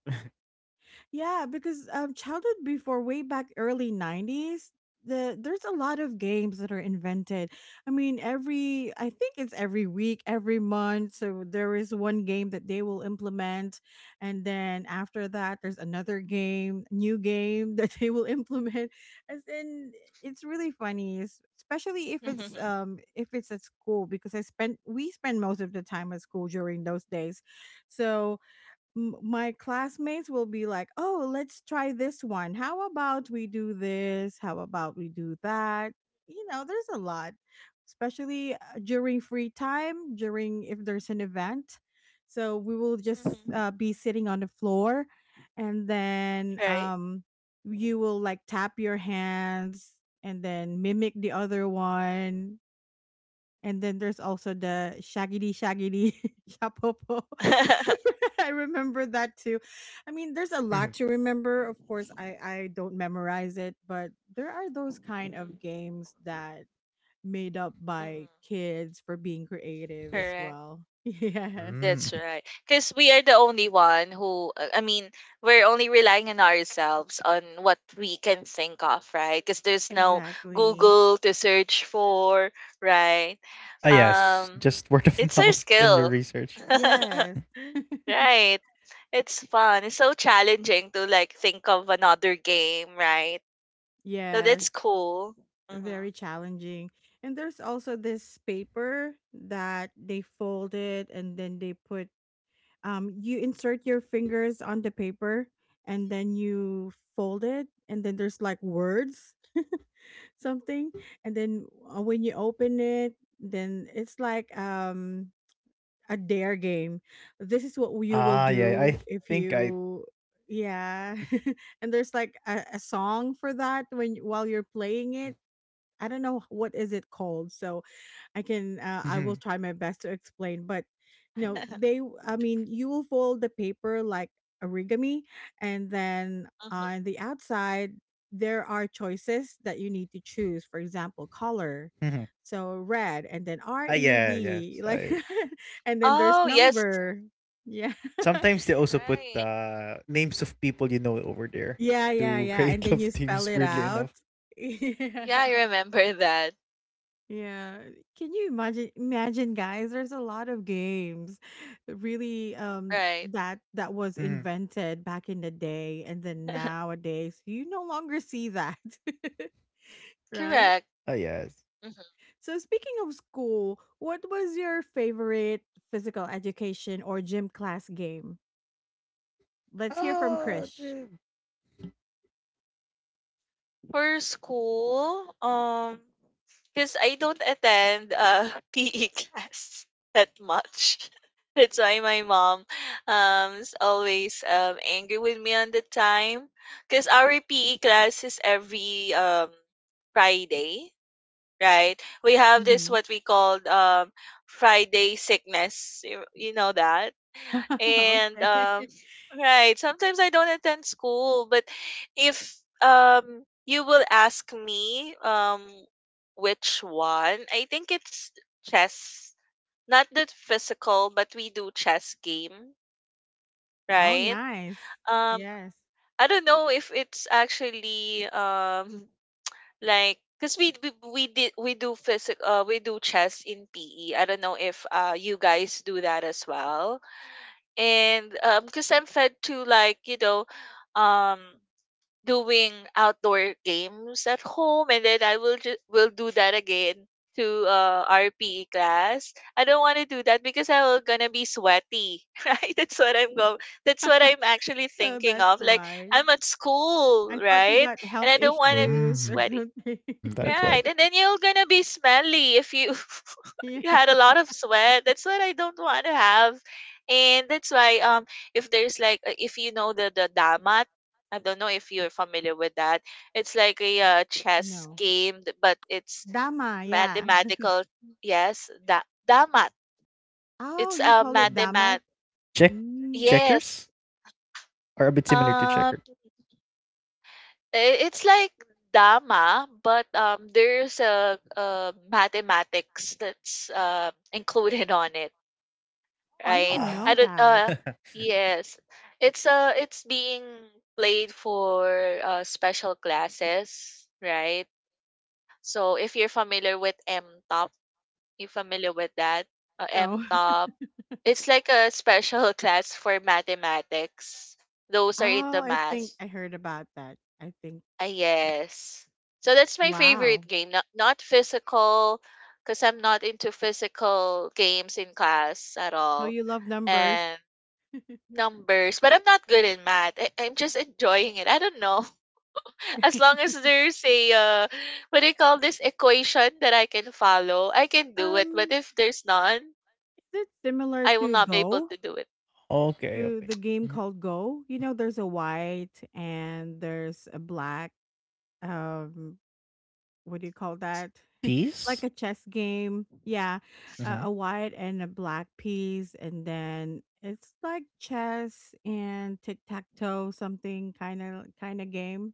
Speaker 1: Yeah, because childhood before way back early '90s, there's a lot of games that are invented. I mean, every I think it's every week, every month. So there is one game that they will implement, and then after that, there's another game, new game *laughs* that they will implement. As in, it's really funny, especially
Speaker 3: Mhm.
Speaker 1: if it's at school because I spent we spend most of the time at school during those days, so my classmates will be like, "Oh, let's try this one. How about we do this? How about we do that?" You know, there's a lot, especially during free time, during if there's an event. So we will just
Speaker 3: Mhm.
Speaker 1: be sitting on the floor, and then
Speaker 3: Right.
Speaker 1: you will like tap your hands and then mimic the other one and then there's also the shaggedy *laughs* shapopo.
Speaker 3: *laughs*
Speaker 1: *laughs* I remember that too. I mean, there's a lot to
Speaker 2: *laughs*
Speaker 1: remember. Of course, I don't memorize it, but there are those kind
Speaker 3: Mhm.
Speaker 1: of games that made up
Speaker 3: Mhm.
Speaker 1: by kids for being creative as
Speaker 3: Correct.
Speaker 1: well. *laughs* Yes.
Speaker 3: That's
Speaker 2: Mm.
Speaker 3: right. Because we are the only one who, I mean, we're only relying on ourselves on what we can think of, right? Because there's no
Speaker 1: Exactly.
Speaker 3: Google to search for, right?
Speaker 2: Ah, yes,
Speaker 3: Um,
Speaker 2: just word of *laughs*
Speaker 3: it's
Speaker 2: mouth
Speaker 3: our
Speaker 2: in your
Speaker 3: skill.
Speaker 2: research.
Speaker 3: *laughs*
Speaker 1: Yes. *laughs*
Speaker 3: Right. It's fun. It's so challenging to like think of another game, right? So that's
Speaker 1: Yes,
Speaker 3: cool. Mm-hmm.
Speaker 1: very challenging. And there's also this paper that they fold it and then they put, you insert your fingers on the paper and then you fold it and then there's like words *laughs* something and then when you open it then it's like a dare game. This is what you will
Speaker 2: Ah, yeah,
Speaker 1: do
Speaker 2: I
Speaker 1: if
Speaker 2: think I.
Speaker 1: you, yeah. *laughs* and there's like a song for that when while you're playing it. I don't know what is it called, so I can I
Speaker 2: Mhm,
Speaker 1: will try my best to explain. But you know, they
Speaker 3: *laughs*
Speaker 1: I mean, you will fold the paper like origami, and then
Speaker 3: Hmm.
Speaker 1: on the outside there are choices that you need to choose. For example,
Speaker 2: mhm.
Speaker 1: color, so red, and
Speaker 2: Ah,
Speaker 1: then R
Speaker 2: yeah,
Speaker 1: E
Speaker 2: yes,
Speaker 1: D,
Speaker 2: I.
Speaker 1: like, *laughs* and then there's
Speaker 3: Oh, yes.
Speaker 1: number. Yeah,
Speaker 2: Sometimes they also put
Speaker 3: Right.
Speaker 2: names of people you know over
Speaker 1: *laughs*
Speaker 2: there
Speaker 1: yeah, yeah,
Speaker 2: to *laughs*
Speaker 1: yeah, and
Speaker 2: create
Speaker 1: then you
Speaker 2: love
Speaker 1: spell it
Speaker 2: teams. Weirdly
Speaker 1: out. *laughs*
Speaker 2: enough.
Speaker 1: Yeah.
Speaker 3: Yeah, I remember that.
Speaker 1: Yeah, can you imagine guys, there's a lot of games really
Speaker 3: Right.
Speaker 1: that was
Speaker 2: Mhm.
Speaker 1: invented back in the day and then
Speaker 3: *laughs*
Speaker 1: nowadays you no longer see that. *laughs*
Speaker 2: Ah,
Speaker 1: right?
Speaker 3: Correct.
Speaker 2: yes.
Speaker 3: Mhm.
Speaker 1: So speaking of school, what was your favorite physical education or gym class game? Let's hear from
Speaker 2: Ah,
Speaker 1: Krish.
Speaker 2: gee.
Speaker 3: For school, because I don't attend *laughs* PE class that much. *laughs* That's why my mom is always angry with me on the time. Because our PE class is every Friday, right? We have this
Speaker 1: Mhm.
Speaker 3: what we called Friday sickness. You know that?
Speaker 1: *laughs*
Speaker 3: And
Speaker 1: okay.
Speaker 3: right, sometimes I don't attend school, but if you will ask me which one, I think it's chess, not the physical, but we do chess game,
Speaker 1: Oh,
Speaker 3: right?
Speaker 1: nice.
Speaker 3: um
Speaker 1: Yes.
Speaker 3: I don't know if it's actually like, because we did we do physical we do chess in PE. I don't know if you guys do that as well, and because I'm fed to, like, um doing outdoor games at home, and then I will just will do that again to rpe class. I don't want to do that because I will gonna be sweaty, *laughs* right, that's what I'm actually
Speaker 1: So
Speaker 3: thinking
Speaker 1: that's
Speaker 3: of, like,
Speaker 1: why.
Speaker 3: I'm at school,
Speaker 1: I thought you
Speaker 3: right?
Speaker 1: got
Speaker 3: And
Speaker 1: health
Speaker 3: I don't want to be
Speaker 1: issues
Speaker 2: Mm,
Speaker 1: or
Speaker 2: that's
Speaker 3: sweaty.
Speaker 2: why.
Speaker 1: something. *laughs* yeah.
Speaker 3: Right, and then you're gonna be smelly if you *laughs*
Speaker 1: Yeah.
Speaker 3: you had a lot of sweat. That's what I don't want to have, and that's why if there's like if you know the damat. I don't know if you're familiar with that. It's like a chess
Speaker 1: No.
Speaker 3: game, but it's
Speaker 1: Dama, yeah. *laughs*
Speaker 3: mathematical. Yes, da damat.
Speaker 1: Oh,
Speaker 3: It's
Speaker 1: you
Speaker 3: a
Speaker 1: call it dama?
Speaker 3: mathemat.
Speaker 2: Check
Speaker 1: Mm,
Speaker 2: checkers
Speaker 3: Yes.
Speaker 2: are a bit similar to checkered.
Speaker 3: um. It's like Dama, but there's a mathematics that's included on it,
Speaker 2: Ah.
Speaker 1: oh, I
Speaker 3: right?
Speaker 1: don't
Speaker 3: I
Speaker 1: know
Speaker 3: don't.
Speaker 2: *laughs*
Speaker 1: that.
Speaker 3: Yes, it's being played for special classes, right? So if you're familiar with M top, you familiar with that? M
Speaker 1: No.
Speaker 3: top.
Speaker 1: *laughs*
Speaker 3: It's like a special *laughs* class for mathematics. Those are
Speaker 1: Oh,
Speaker 3: into
Speaker 1: I think
Speaker 3: math.
Speaker 1: I heard about that. I think.
Speaker 3: Ah, yes. So that's my
Speaker 1: Wow.
Speaker 3: favorite game. Not physical, because I'm not into physical games in class at
Speaker 1: So
Speaker 3: all,
Speaker 1: you love numbers.
Speaker 3: and numbers. But I'm not good in math. I'm just enjoying it. I don't know. *laughs* As long
Speaker 1: *laughs*
Speaker 3: as there's a what do you call this equation that I can follow, I can do it. But
Speaker 1: Um,
Speaker 3: if there's none,
Speaker 1: is it similar
Speaker 3: I will
Speaker 1: to
Speaker 3: not be able
Speaker 1: Go?
Speaker 3: to do it.
Speaker 2: Okay,
Speaker 1: To
Speaker 2: okay.
Speaker 1: the game
Speaker 2: Mm,
Speaker 1: called Go? You know, there's a white and there's a black. Um, what do you call that? *laughs* like a chess game. Yeah,
Speaker 2: hmm.
Speaker 1: a white and a black piece, and then it's like chess and tic tac toe, something kind of game.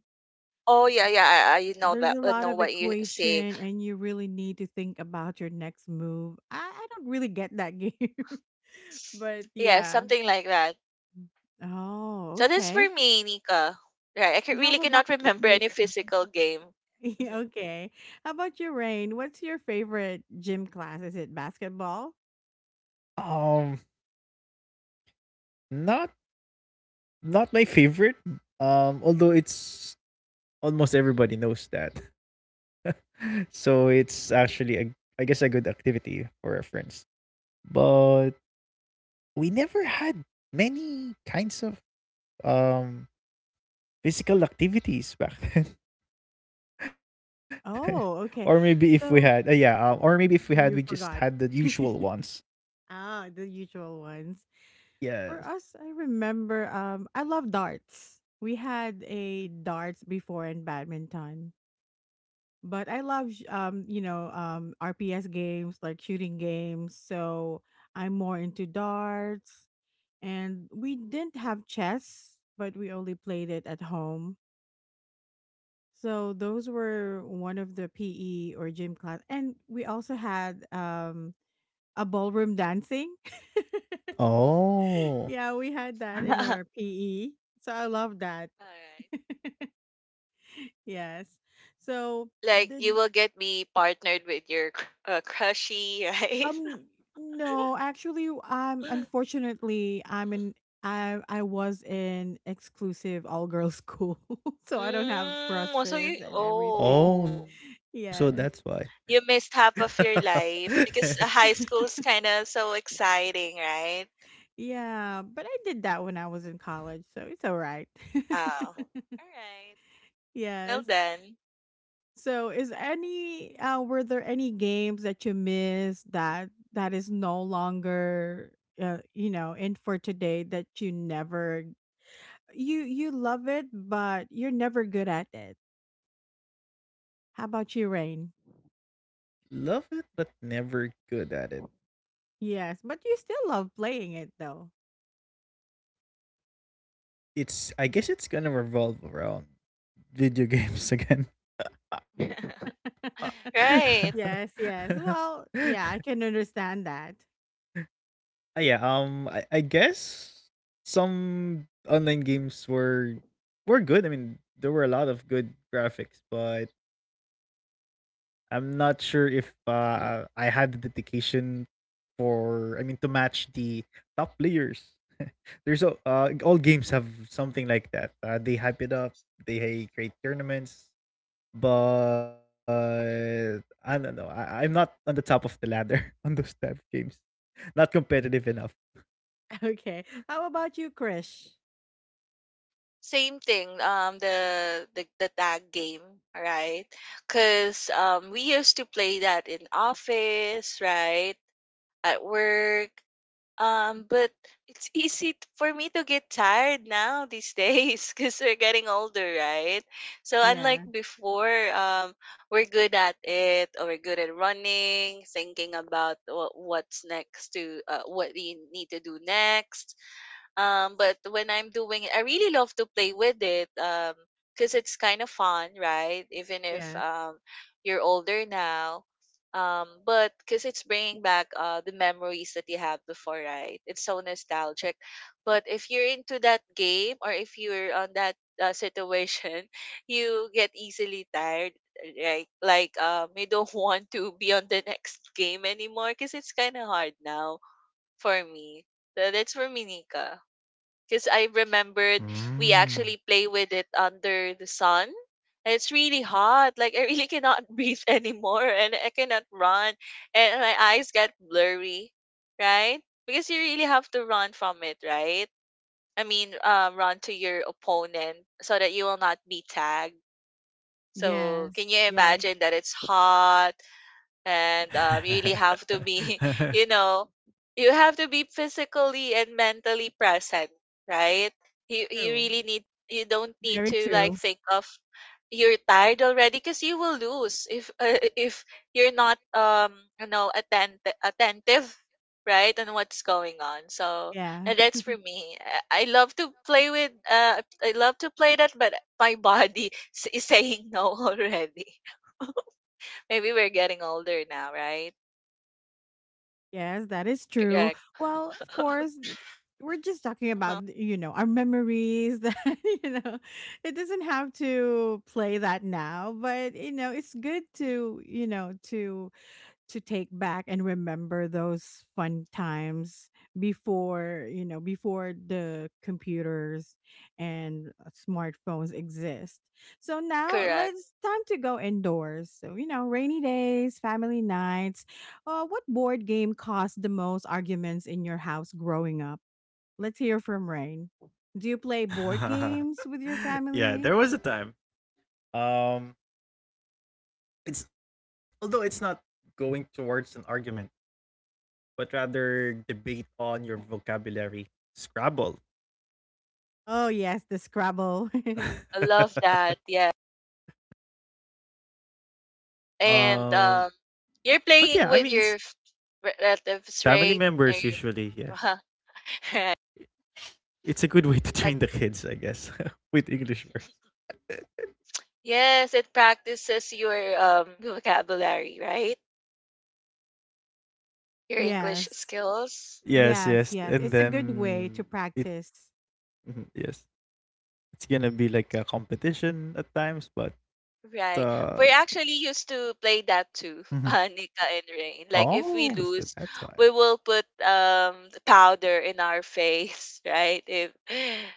Speaker 3: Oh yeah, yeah. I know
Speaker 1: There's
Speaker 3: that.
Speaker 1: a
Speaker 3: I
Speaker 1: lot
Speaker 3: know
Speaker 1: of
Speaker 3: what you say.
Speaker 1: equation, and you really need to think about your next move. I don't really get that game, *laughs* but
Speaker 3: Yeah,
Speaker 1: yeah.
Speaker 3: something like that.
Speaker 1: Oh,
Speaker 3: So that's for
Speaker 1: okay.
Speaker 3: me, Nika. Right, really
Speaker 1: How about
Speaker 3: cannot remember
Speaker 1: you?
Speaker 3: any physical game.
Speaker 1: *laughs*
Speaker 3: Mhm.
Speaker 1: okay. How about you, Rain? What's your favorite gym class? Is it basketball?
Speaker 2: Um, Not not my favorite. Although it's almost everybody knows that, *laughs* so it's actually a I guess a good activity for reference. But we never had many kinds of um physical activities back then. *laughs* Or
Speaker 1: Oh,
Speaker 2: maybe if we
Speaker 1: okay.
Speaker 2: had, yeah.
Speaker 1: So
Speaker 2: Or maybe if we had, we
Speaker 1: you
Speaker 2: just had the
Speaker 1: forgot.
Speaker 2: usual ones.
Speaker 1: *laughs* ah, the usual ones.
Speaker 2: Yes.
Speaker 1: For us, I remember I love darts. We had a darts before in badminton. But I love you know RPS games like shooting games. So I'm more into darts and we didn't have chess, but we only played it at home. So those were one of the PE or gym class and we also had a ballroom dancing. *laughs*
Speaker 2: Oh,
Speaker 1: yeah, we had that in our
Speaker 3: *laughs*
Speaker 1: PE. So I love that.
Speaker 3: Alright.
Speaker 1: Yes. So
Speaker 3: Like you
Speaker 1: the
Speaker 3: will get me partnered with your crushy, right?
Speaker 1: um no, actually unfortunately I was in exclusive all girls school. *laughs*
Speaker 3: *laughs*
Speaker 1: so I don't have
Speaker 3: mm, so you
Speaker 1: crushes and everything.
Speaker 2: oh,
Speaker 3: oh
Speaker 2: so that's
Speaker 1: *laughs*
Speaker 2: why.
Speaker 1: yes.
Speaker 3: you missed half of your
Speaker 2: *laughs*
Speaker 3: life, because high
Speaker 1: *laughs*
Speaker 3: school's kind of so exciting, right?
Speaker 1: Yeah, but I did that when I was in college, so it's all right. *laughs*
Speaker 3: Oh, all right. Well
Speaker 1: yes.
Speaker 3: done.
Speaker 1: So, is any were there any games that you missed that that is no longer, you know in for today that you never you love it but you're never good at it? How about you, Rain?
Speaker 2: Love it, but never good at it.
Speaker 1: Yes, but you still love playing it though.
Speaker 2: It's I guess it's gonna revolve around video games again.
Speaker 3: *laughs*
Speaker 1: *laughs*
Speaker 3: Right.
Speaker 2: *laughs*
Speaker 1: yes, yes. Well, yeah, I can understand that.
Speaker 2: Ah, yeah, I guess some online games were good. I mean, there were a lot of good graphics, but I'm not sure if I had the dedication for I mean to match the top players. *laughs* There's a all games have something like that. They hype it up. They hey, create tournaments, but I don't know. I'm not on the top of the ladder *laughs* on those type of games. Not competitive enough.
Speaker 1: *laughs* Okay. How about you, Krish?
Speaker 3: Same thing, the tag game, right? Because we used to play that in office, right? At work. But it's *laughs* easy for me to get tired now these days *laughs* because we're getting older, right? So unlike
Speaker 1: Yeah,
Speaker 3: before, we're good at it, or we're good at running, thinking about what's next to, what we need to do next. But when I'm doing it, I really love to play with it. Because it's kind of fun, right? Even if
Speaker 1: yes,
Speaker 3: you're older now. But because it's bringing back the memories that you have before, right? It's so nostalgic. But if you're into that game, or if you're on that situation, *laughs* you get easily tired, right? Like you don't *laughs* want to be on the next game anymore, because it's kind of hard now for me. So that's for me, because I remembered we
Speaker 2: Mm.
Speaker 3: actually play with it under the sun. And it's really hot. Like I really cannot *laughs* breathe anymore, and I cannot run, and my eyes get blurry, right? Because you really have to run from it, right? I mean, run to your opponent so that you will not be tagged. So can
Speaker 1: yes,
Speaker 3: you
Speaker 1: yes.
Speaker 3: imagine that it's hot? And you really have to
Speaker 2: *laughs*
Speaker 3: be,
Speaker 2: *laughs*
Speaker 3: *laughs* you know you have to be physically and mentally present, right? You
Speaker 1: True.
Speaker 3: really need, you don't need
Speaker 1: Very
Speaker 3: to like
Speaker 1: true.
Speaker 3: think of, you're tired already, because you will lose if you're not attentive, right, and what's going on, so.
Speaker 1: Yeah.
Speaker 3: And that's for me. I I love to play with uh I love to play that, but my *laughs* body is saying no *laughs* already. Maybe we're getting older now, right?
Speaker 1: Yes, that is true.
Speaker 3: Correct.
Speaker 1: Well, of course,
Speaker 3: *laughs*
Speaker 1: we're just talking about,
Speaker 3: Uh-huh.
Speaker 1: you know, our memories *laughs* that, you know, it doesn't have to play that now, but, you know, it's good
Speaker 3: Mhm.
Speaker 1: to, you know, to take back and remember those fun times before you know before the computers and smartphones exist. So now
Speaker 3: Correct.
Speaker 1: let's time to go indoors so you know rainy days family nights. What board game caused the most arguments in your house growing up? Let's hear from Rain. Do you play board games with your
Speaker 2: Yeah,
Speaker 1: family?
Speaker 2: there was a time. Um, it's although it's not going towards an argument, but rather debate on your vocabulary. Scrabble.
Speaker 1: Oh yes, the Scrabble.
Speaker 3: I love
Speaker 2: *laughs*
Speaker 3: that. Yeah.
Speaker 2: um,
Speaker 3: And
Speaker 2: but yeah,
Speaker 3: you're
Speaker 2: I mean, it's
Speaker 3: playing with your
Speaker 2: family
Speaker 3: relatives, right?
Speaker 2: members
Speaker 3: Are
Speaker 2: usually,
Speaker 3: you?
Speaker 2: yes.
Speaker 3: *laughs* Right.
Speaker 2: It's a good way to train the
Speaker 3: Ac-
Speaker 2: kids, I guess, *laughs* with English words.
Speaker 3: Yes, it practices your vocabulary, right?
Speaker 1: *laughs*
Speaker 3: Your English
Speaker 1: yes.
Speaker 3: skills.
Speaker 2: Yes,
Speaker 1: Yes,
Speaker 2: yes.
Speaker 1: yes.
Speaker 2: And
Speaker 1: It's a good way to
Speaker 2: then it,
Speaker 1: practice.
Speaker 2: mhm, yes, it's gonna be like a competition at times, but,
Speaker 3: Right.
Speaker 2: uh,
Speaker 3: We're actually used to
Speaker 2: mhm.
Speaker 3: play that too, *laughs* Nika and Rain.
Speaker 2: Oh,
Speaker 3: Like
Speaker 2: so
Speaker 3: if we
Speaker 2: that's why.
Speaker 3: lose, we will put the powder in our face, *laughs* right? If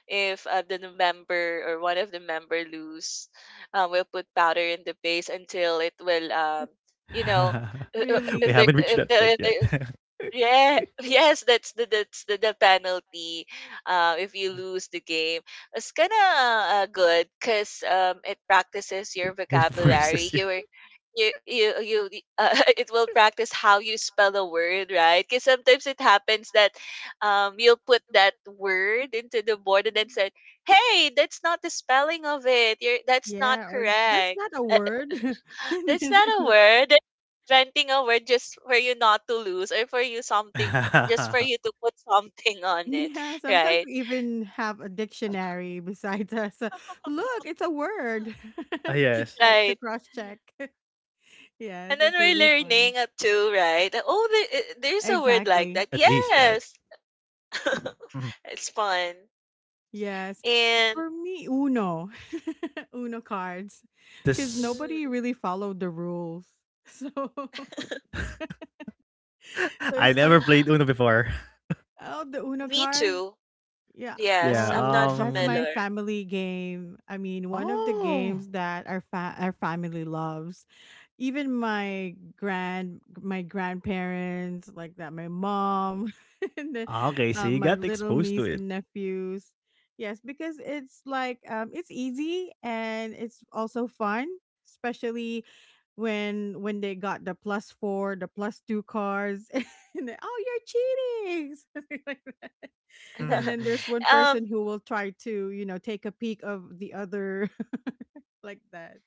Speaker 3: if uh, the member or one of the member lose, we'll put powder in the face until it will, you know
Speaker 2: *laughs* We
Speaker 3: *laughs*
Speaker 2: haven't reached that
Speaker 3: if
Speaker 1: Really?
Speaker 2: point
Speaker 3: they,
Speaker 2: yet.
Speaker 3: if
Speaker 2: *laughs*
Speaker 3: they, yeah, *laughs* yes, that's the penalty. If you lose the game, it's kind of good, because it practices your
Speaker 2: It
Speaker 3: vocabulary.
Speaker 2: forces you.
Speaker 3: You were you you
Speaker 2: *laughs*
Speaker 3: you uh, *laughs* it will practice how you spell a word, right? Because sometimes it happens that you'll put that word into the board and then said, "Hey, that's not the spelling of it. You're That's not
Speaker 1: Yeah, or that's
Speaker 3: correct."
Speaker 1: not a word.
Speaker 3: That's
Speaker 1: *laughs*
Speaker 3: not a word. Renting a word just for you not to lose, or for you something, just for you
Speaker 2: *laughs*
Speaker 3: to put something *laughs* on it,
Speaker 1: yeah, sometimes
Speaker 3: right?
Speaker 1: we even have a dictionary besides us.
Speaker 3: *laughs*
Speaker 1: Look, it's a word
Speaker 2: Ah,
Speaker 1: *laughs* to
Speaker 2: yes,
Speaker 1: check, to
Speaker 3: Right.
Speaker 1: cross check. *laughs* yes,
Speaker 3: And then
Speaker 1: it's
Speaker 3: we're
Speaker 1: really fun.
Speaker 3: learning too, right? That, oh,
Speaker 2: at
Speaker 3: there's
Speaker 2: least
Speaker 3: a
Speaker 2: right.
Speaker 3: word like
Speaker 1: Exactly.
Speaker 3: that. Yes.
Speaker 2: Hmm.
Speaker 3: *laughs* It's fun.
Speaker 1: Yes.
Speaker 3: And
Speaker 1: For me, Uno, *laughs* Uno cards, because
Speaker 2: This.
Speaker 1: nobody
Speaker 3: mm,
Speaker 1: really followed the rules. *laughs* So, *laughs*
Speaker 2: *laughs* I never
Speaker 1: so
Speaker 2: played
Speaker 1: it's
Speaker 2: Uno
Speaker 1: like,
Speaker 2: before.
Speaker 3: *gasps*
Speaker 2: *laughs*
Speaker 1: oh, the Uno
Speaker 3: me
Speaker 1: cards.
Speaker 3: too.
Speaker 1: Yeah.
Speaker 2: Yeah.
Speaker 3: Yes, I'm
Speaker 1: Oh,
Speaker 3: not
Speaker 1: that's my
Speaker 3: familiar.
Speaker 1: family game. I mean, one of the
Speaker 2: Oh.
Speaker 1: games that our our family loves. Even my grandparents, like that, my mom, *laughs* and then
Speaker 2: Ah, okay, so you
Speaker 1: my
Speaker 2: got
Speaker 1: little
Speaker 2: exposed to
Speaker 1: niece
Speaker 2: it.
Speaker 1: and nephews. Yes, because it's like it's easy and it's also fun, especially when they got the plus 4, the plus 2 cards, *laughs* and they, oh, you're cheating. *laughs* Something like.
Speaker 3: Mhm.
Speaker 1: And
Speaker 2: Mhm,
Speaker 3: *laughs*
Speaker 1: then
Speaker 2: mhm.
Speaker 1: there's one
Speaker 3: um
Speaker 1: person who will try to, take a peek of the other, *laughs* like that.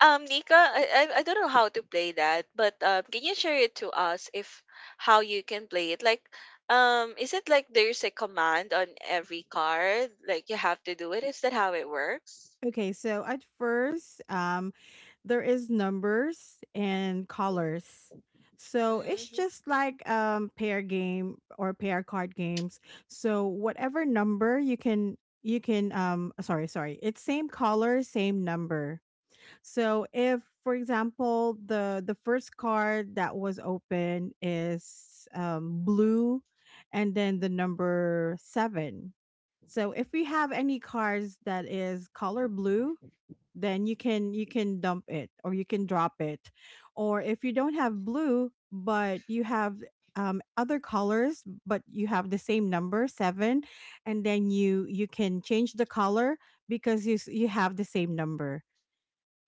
Speaker 3: Nika, I don't know how to play that, but can you share it to us, if how you can play it? Like, is it like there's a command on every card, like you have to do it? Is that how it works?
Speaker 1: Okay, so at first, there is numbers and
Speaker 3: Mm-hmm.
Speaker 1: colors. So it's
Speaker 3: Mm-hmm.
Speaker 1: just like pair game or pair card games. So whatever number you can, sorry, sorry, it's same color, same number. So if, for example, the first card that was open is blue, and then the number seven. So if we have any cards that is color blue, then you can dump it or you can drop it, or if you don't have blue but you have other colors but you have the same number seven, and then you can change the color because you have the same number,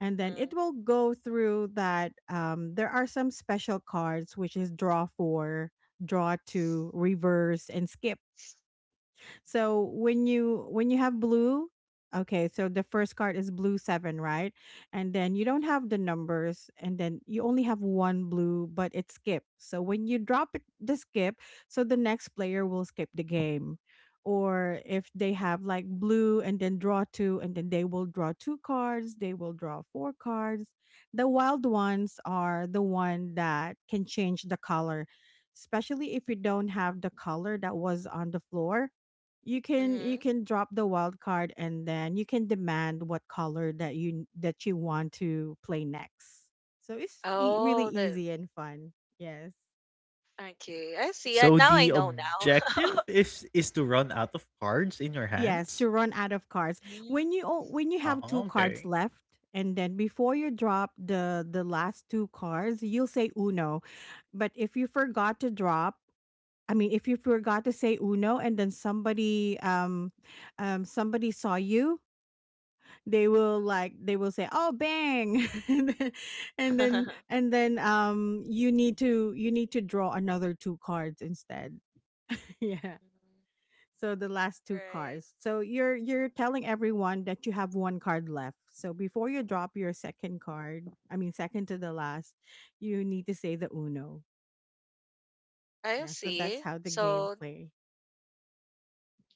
Speaker 1: and then
Speaker 3: Mm-hmm.
Speaker 1: it will go through that. There are some special cards, which is draw four, draw two, reverse, and skip. So when you have blue. Okay, so the first card is blue 7, right? And then you don't have the numbers, and then you only have one blue but it skips. So when you drop it, the skip, so the next player will skip the game. Or if they have like blue and then draw two, and then they will draw two cards, they will draw four cards. The wild ones are the one that can change the color, especially if you don't have the color that was on the floor. you can you
Speaker 3: Mm-hmm.
Speaker 1: can drop the wild card, and then you can demand what color that you want to play next. So it's really
Speaker 3: Oh, the
Speaker 1: easy and fun. Yes.
Speaker 3: okay. I see.
Speaker 2: So
Speaker 3: Now I
Speaker 2: the
Speaker 3: know now.
Speaker 2: objective
Speaker 3: *laughs*
Speaker 2: is to run out of cards in your
Speaker 1: Yes, to
Speaker 2: hands.
Speaker 1: run out of cards.
Speaker 3: Mhm.
Speaker 1: When you have two
Speaker 2: Oh,
Speaker 1: cards
Speaker 2: okay.
Speaker 1: left, and then before you drop the last two cards, you'll say uno. But if you forgot to drop, I mean, if you forgot to say uno, and then somebody, somebody saw you, they will say, oh, bang, *laughs* and then and then
Speaker 3: *laughs*
Speaker 1: and then you need to draw another two cards instead. *laughs* Yeah.
Speaker 3: Mhm.
Speaker 1: So the last two
Speaker 3: Right.
Speaker 1: cards, so you're telling everyone that you have one card left, so before you drop your second card, I mean, second to the last, you need to say the uno.
Speaker 3: I
Speaker 1: Yeah, so that's
Speaker 3: see.
Speaker 1: how the game
Speaker 3: So
Speaker 1: play.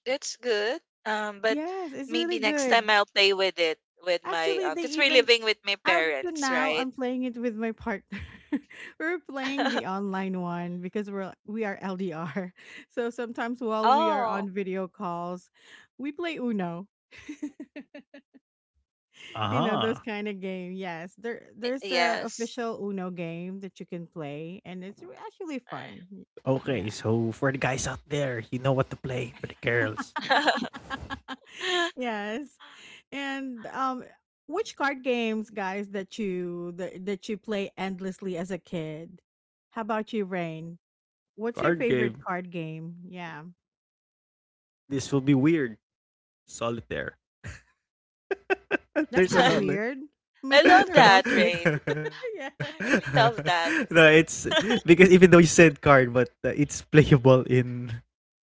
Speaker 3: that's good. But
Speaker 1: Yes, it's
Speaker 3: maybe
Speaker 1: really
Speaker 3: next time
Speaker 1: good.
Speaker 3: I'll play with it with my,
Speaker 1: Actually they
Speaker 3: because we're
Speaker 1: even
Speaker 3: living with my
Speaker 1: Up to
Speaker 3: parents,
Speaker 1: now,
Speaker 3: right?
Speaker 1: I'm playing it with my partner. *laughs* We're playing the
Speaker 3: *laughs*
Speaker 1: online one because we are LDR. *laughs* So sometimes, while we are on
Speaker 3: Oh,
Speaker 1: video calls, we play Uno. *laughs* You know those
Speaker 2: Aha.
Speaker 1: kind of game. Yes, there's a
Speaker 3: yes.
Speaker 1: official Uno game that you can play, and it's actually fun.
Speaker 2: Okay,
Speaker 1: Yeah.
Speaker 2: so for the guys out there, you know what to play. For the girls,
Speaker 3: *laughs*
Speaker 1: *laughs* Yes. And which card games, guys, that you play endlessly as a kid? How about you, Rain? What's your
Speaker 2: card
Speaker 1: favorite
Speaker 2: game.
Speaker 1: card game? Yeah,
Speaker 2: This will be weird. Solitaire. *laughs*
Speaker 1: that's
Speaker 2: There's an
Speaker 1: not
Speaker 2: online.
Speaker 1: weird. My
Speaker 3: I
Speaker 2: *laughs*
Speaker 3: love
Speaker 1: partner loves
Speaker 3: that,
Speaker 1: it.
Speaker 3: Rain.
Speaker 1: *laughs* Yeah.
Speaker 3: I really
Speaker 2: No,
Speaker 3: love that.
Speaker 2: it's because
Speaker 3: *laughs*
Speaker 2: even though you said card, but it's playable in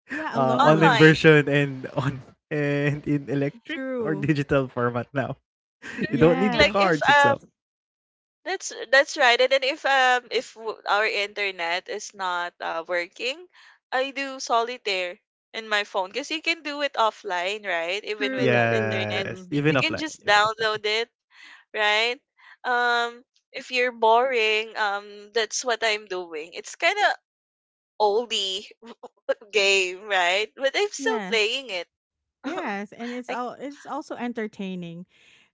Speaker 1: Yeah,
Speaker 2: online
Speaker 1: alone.
Speaker 3: Online.
Speaker 2: version and on and in electric or
Speaker 1: True.
Speaker 2: digital format now. *laughs* You don't
Speaker 3: Correct.
Speaker 2: need the
Speaker 3: Like
Speaker 1: Yes.
Speaker 3: if.
Speaker 2: cards itself.
Speaker 3: That's right. And then if our internet is not working, I do solitaire in my phone, because you can do it offline, right? Even
Speaker 1: True,
Speaker 3: without
Speaker 1: true,
Speaker 3: internet,
Speaker 2: Yes,
Speaker 1: true.
Speaker 2: even
Speaker 3: you can
Speaker 2: offline,
Speaker 3: just
Speaker 2: even offline.
Speaker 3: download it, right? Um, if you're boring, that's what I'm doing. It's kind of oldie *laughs* game, right? But I'm still
Speaker 1: Yes.
Speaker 3: playing it.
Speaker 1: Yes, and it's
Speaker 3: *laughs* I,
Speaker 1: all it's also entertaining.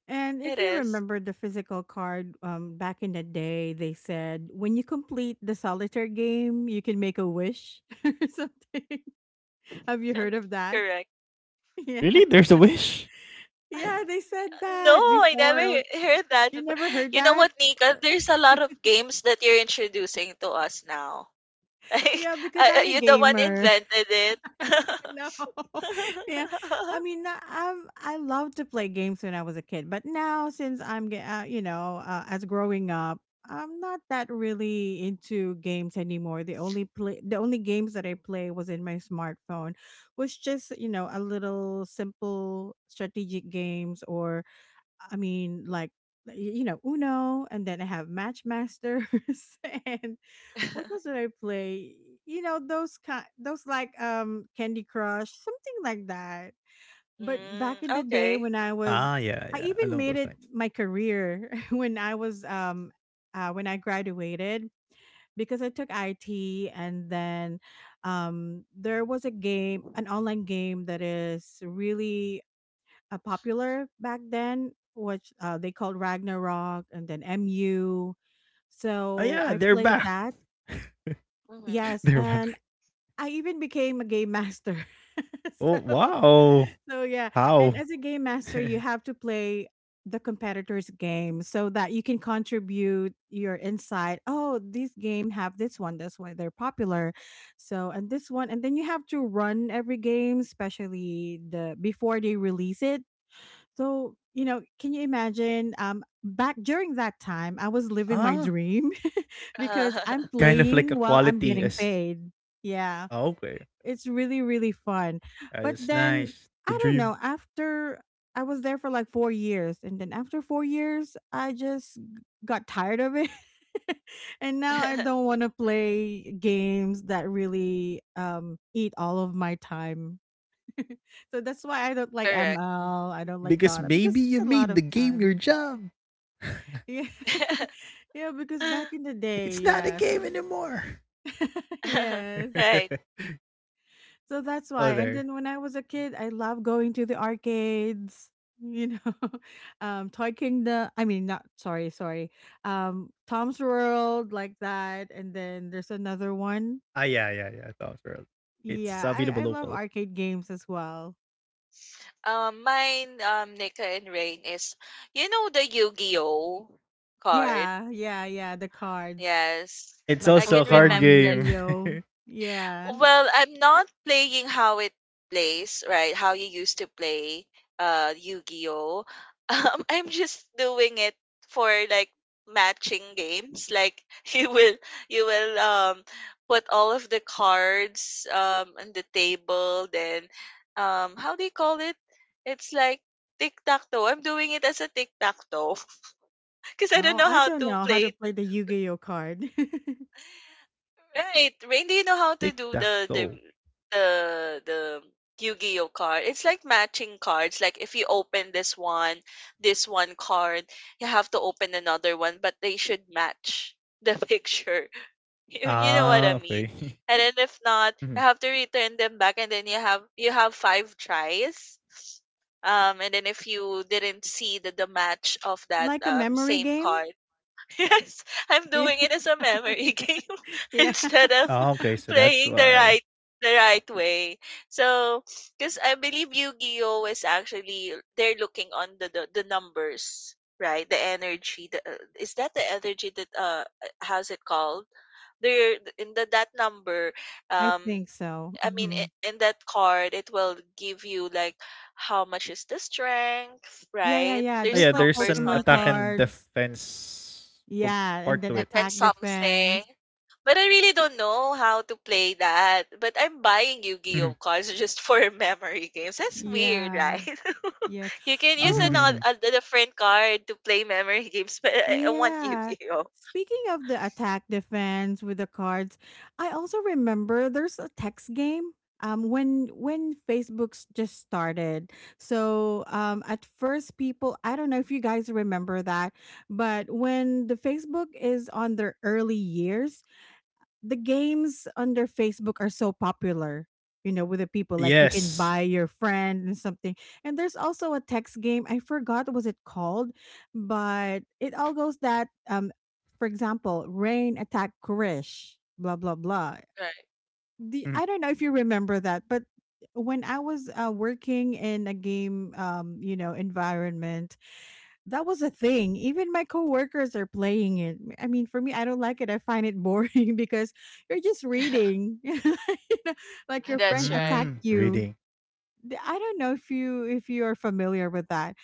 Speaker 1: And
Speaker 3: it
Speaker 1: if you
Speaker 3: is.
Speaker 1: remember the physical card, back in the day, they said when you complete the solitaire game, you can make a wish, *laughs* or something. *laughs* Have you heard of
Speaker 3: *laughs*
Speaker 1: that?
Speaker 3: Correct.
Speaker 1: *laughs* Yeah.
Speaker 2: Really? There's a wish?
Speaker 1: Yeah, they said
Speaker 3: No,
Speaker 1: that
Speaker 3: I never
Speaker 1: before.
Speaker 3: heard that
Speaker 1: You
Speaker 3: before.
Speaker 1: never heard
Speaker 3: You know
Speaker 1: that?
Speaker 3: what, Nika? There's a
Speaker 1: *laughs*
Speaker 3: lot of games that you're introducing to us now. *laughs* Like,
Speaker 1: Yeah, because I'm a
Speaker 3: you're the one
Speaker 1: gamer.
Speaker 3: invented it.
Speaker 1: No. *laughs* Yeah. I
Speaker 3: *laughs*
Speaker 1: mean, I loved to play games when I was a kid, but now, since I'm, as growing up, I'm not that really into games anymore. The only games that I play was in my smartphone, was just a little simple strategic games, or I mean, like, you know Uno, and then I have Matchmasters, *laughs* and what else did I play? You know those like Candy Crush, something like that. But
Speaker 3: Mm,
Speaker 1: back in the day,
Speaker 3: okay.
Speaker 1: I
Speaker 2: Ah,
Speaker 1: even
Speaker 2: yeah,
Speaker 1: made it
Speaker 2: yeah, along
Speaker 1: my
Speaker 2: those lines.
Speaker 1: career, *laughs* when I graduated, because I took IT, and then there was a game, an online game that is really popular back then, which they called Ragnarok, and then MU.
Speaker 2: Ah,
Speaker 1: So
Speaker 2: yeah,
Speaker 1: I
Speaker 2: they're
Speaker 1: played
Speaker 2: back.
Speaker 1: that.
Speaker 3: Hmm.
Speaker 2: *laughs*
Speaker 1: Yes,
Speaker 2: They're
Speaker 1: and
Speaker 2: back.
Speaker 1: I even became a game master. *laughs*
Speaker 2: Oh,
Speaker 1: so,
Speaker 2: wow.
Speaker 1: so yeah, and
Speaker 2: How?
Speaker 1: as a game master, you have
Speaker 2: *laughs*
Speaker 1: to play the competitor's game so that you can contribute your insight. Oh, this game have this one, that's why they're popular. So, and this one, and then you have to run every game, especially the before they release it. So, can you imagine? Back during that time, I was living my
Speaker 2: Ah,
Speaker 1: dream, *laughs* because
Speaker 2: kind of
Speaker 1: I'm
Speaker 2: like a
Speaker 1: playing while
Speaker 2: quality
Speaker 1: I'm
Speaker 2: as.
Speaker 1: getting paid. Yeah.
Speaker 2: Ah, okay.
Speaker 1: It's really, really fun.
Speaker 2: Oh,
Speaker 1: But
Speaker 2: that's
Speaker 1: then,
Speaker 2: nice.
Speaker 1: I
Speaker 2: The
Speaker 1: don't know,
Speaker 2: dream.
Speaker 1: after I was there for like 4 years, and then after 4 years, I just got tired of it. *laughs* And now I don't
Speaker 3: *laughs*
Speaker 1: want to play games that really eat all of my time. So that's why I don't like
Speaker 3: Correct.
Speaker 1: ML. I don't like Dota because it's a
Speaker 2: Because
Speaker 1: lot of
Speaker 2: maybe you
Speaker 1: time.
Speaker 2: made the game your job.
Speaker 1: Yeah. *laughs* Yeah, because back in the
Speaker 3: *laughs*
Speaker 1: day,
Speaker 2: It's not a
Speaker 1: yeah.
Speaker 2: game
Speaker 1: So.
Speaker 2: anymore.
Speaker 1: *laughs* Yes.
Speaker 3: Right.
Speaker 2: *laughs*
Speaker 1: So that's why. And then when I
Speaker 2: Oh,
Speaker 1: was a
Speaker 2: there.
Speaker 1: kid, I loved going to the arcades, you know, *laughs* Toy Kingdom. I mean, not, sorry, sorry, Tom's World, like that. And then there's another
Speaker 2: Ah, yeah,
Speaker 1: one.
Speaker 2: yeah, yeah. Tom's World. It's
Speaker 1: Yeah,
Speaker 2: available
Speaker 1: I
Speaker 2: local.
Speaker 1: love arcade games as well.
Speaker 3: Mine, Nika and Rain, is, the Yu-Gi-Oh card.
Speaker 1: Yeah, yeah, yeah. The cards,
Speaker 2: Ah,
Speaker 3: Yes,
Speaker 2: yeah. It's
Speaker 1: like
Speaker 3: I
Speaker 2: also a
Speaker 3: can
Speaker 2: card
Speaker 1: Pokemon,
Speaker 3: remember.
Speaker 1: Yu
Speaker 2: game.
Speaker 1: Gi Oh. Yeah.
Speaker 3: Well, I'm not playing how it plays, right? How you used to play Yu-Gi-Oh. *laughs* I'm just doing it for like matching games. Like *laughs* you will you will put all of the cards on the table, then how do you call it? It's like tic-tac-toe. I'm doing it as a tic-tac-toe *laughs* because I don't
Speaker 1: Oh,
Speaker 3: know
Speaker 1: I
Speaker 3: how
Speaker 1: don't
Speaker 3: to
Speaker 1: know how to
Speaker 3: play.
Speaker 1: play the Yu Gi Oh card. *laughs*
Speaker 3: Right. Rain,
Speaker 2: *laughs*
Speaker 3: do you
Speaker 2: Tic
Speaker 3: know how
Speaker 2: tac
Speaker 3: to do
Speaker 2: toe.
Speaker 3: the the Yu-Gi-Oh card? It's like matching cards. Like if you open this one card, you have to open another one, but they should match the *laughs* picture.
Speaker 2: Ah,
Speaker 3: You know
Speaker 2: okay.
Speaker 3: what I
Speaker 2: *laughs*
Speaker 3: mean? And then if not,
Speaker 2: Mhm.
Speaker 3: you have to return them back and then you have five tries. And then if you didn't see the match of that
Speaker 1: Like a memory
Speaker 3: same
Speaker 1: game.
Speaker 3: card, *laughs* yes, I'm
Speaker 1: Yeah.
Speaker 3: doing it as a
Speaker 1: *laughs* Yeah.
Speaker 3: memory *laughs* game
Speaker 1: Yeah.
Speaker 2: Ah,
Speaker 3: instead
Speaker 2: okay.
Speaker 3: of
Speaker 2: So that's
Speaker 3: playing
Speaker 2: why.
Speaker 3: the right way. So, because I believe Yu-Gi-Oh is actually they're looking on the numbers, right? The energy. The, is that the energy that how's it called? There in the that number,
Speaker 1: I
Speaker 3: um,
Speaker 1: think so.
Speaker 3: I mean
Speaker 1: Hmm.
Speaker 3: in that card, it will give you like how much is the strength,
Speaker 1: Yeah, yeah,
Speaker 3: right?
Speaker 1: yeah.
Speaker 2: Ah, yeah.
Speaker 3: There's
Speaker 1: Just like
Speaker 2: There's
Speaker 3: numbers
Speaker 2: an
Speaker 3: on.
Speaker 1: Pokemon
Speaker 2: attack and
Speaker 1: cards.
Speaker 2: defense co-
Speaker 1: Yeah, and then
Speaker 2: part to it.
Speaker 3: Defend
Speaker 1: attack
Speaker 3: something.
Speaker 1: defense.
Speaker 3: But I really don't know how to play that. But I'm buying Yu-Gi-Oh cards just for *laughs* memory games. That's weird,
Speaker 1: Yeah.
Speaker 3: right? *laughs*
Speaker 1: Yes.
Speaker 3: You can use
Speaker 1: Oh,
Speaker 3: another a
Speaker 2: *laughs*
Speaker 3: different card to play memory *laughs* games, but I want
Speaker 1: yeah.
Speaker 3: Yu-Gi-Oh.
Speaker 1: Speaking of the attack defense with the cards, I also remember there's a text game. When Facebook's just started, so at first, people, I don't know if you guys remember that, but when the Facebook is on their early years, the games under Facebook are so popular, with the people. Like, you can
Speaker 2: Yes.
Speaker 1: buy your friend and something. And there's also a text game. I forgot was it called, but it all goes that, for example, rain attack Kurish, blah blah blah.
Speaker 3: Right.
Speaker 2: Mhm.
Speaker 1: The I don't know if you remember that, but when I was, working in a game, environment, that was a thing. Even my coworkers are playing it. I mean, for me, I don't like it. I find it boring *laughs* because you're just
Speaker 3: *laughs*
Speaker 1: reading. *laughs* You know, like your friend
Speaker 3: That's right.
Speaker 2: Mm,
Speaker 1: attacked you.
Speaker 2: reading.
Speaker 1: I don't know if you are familiar with that.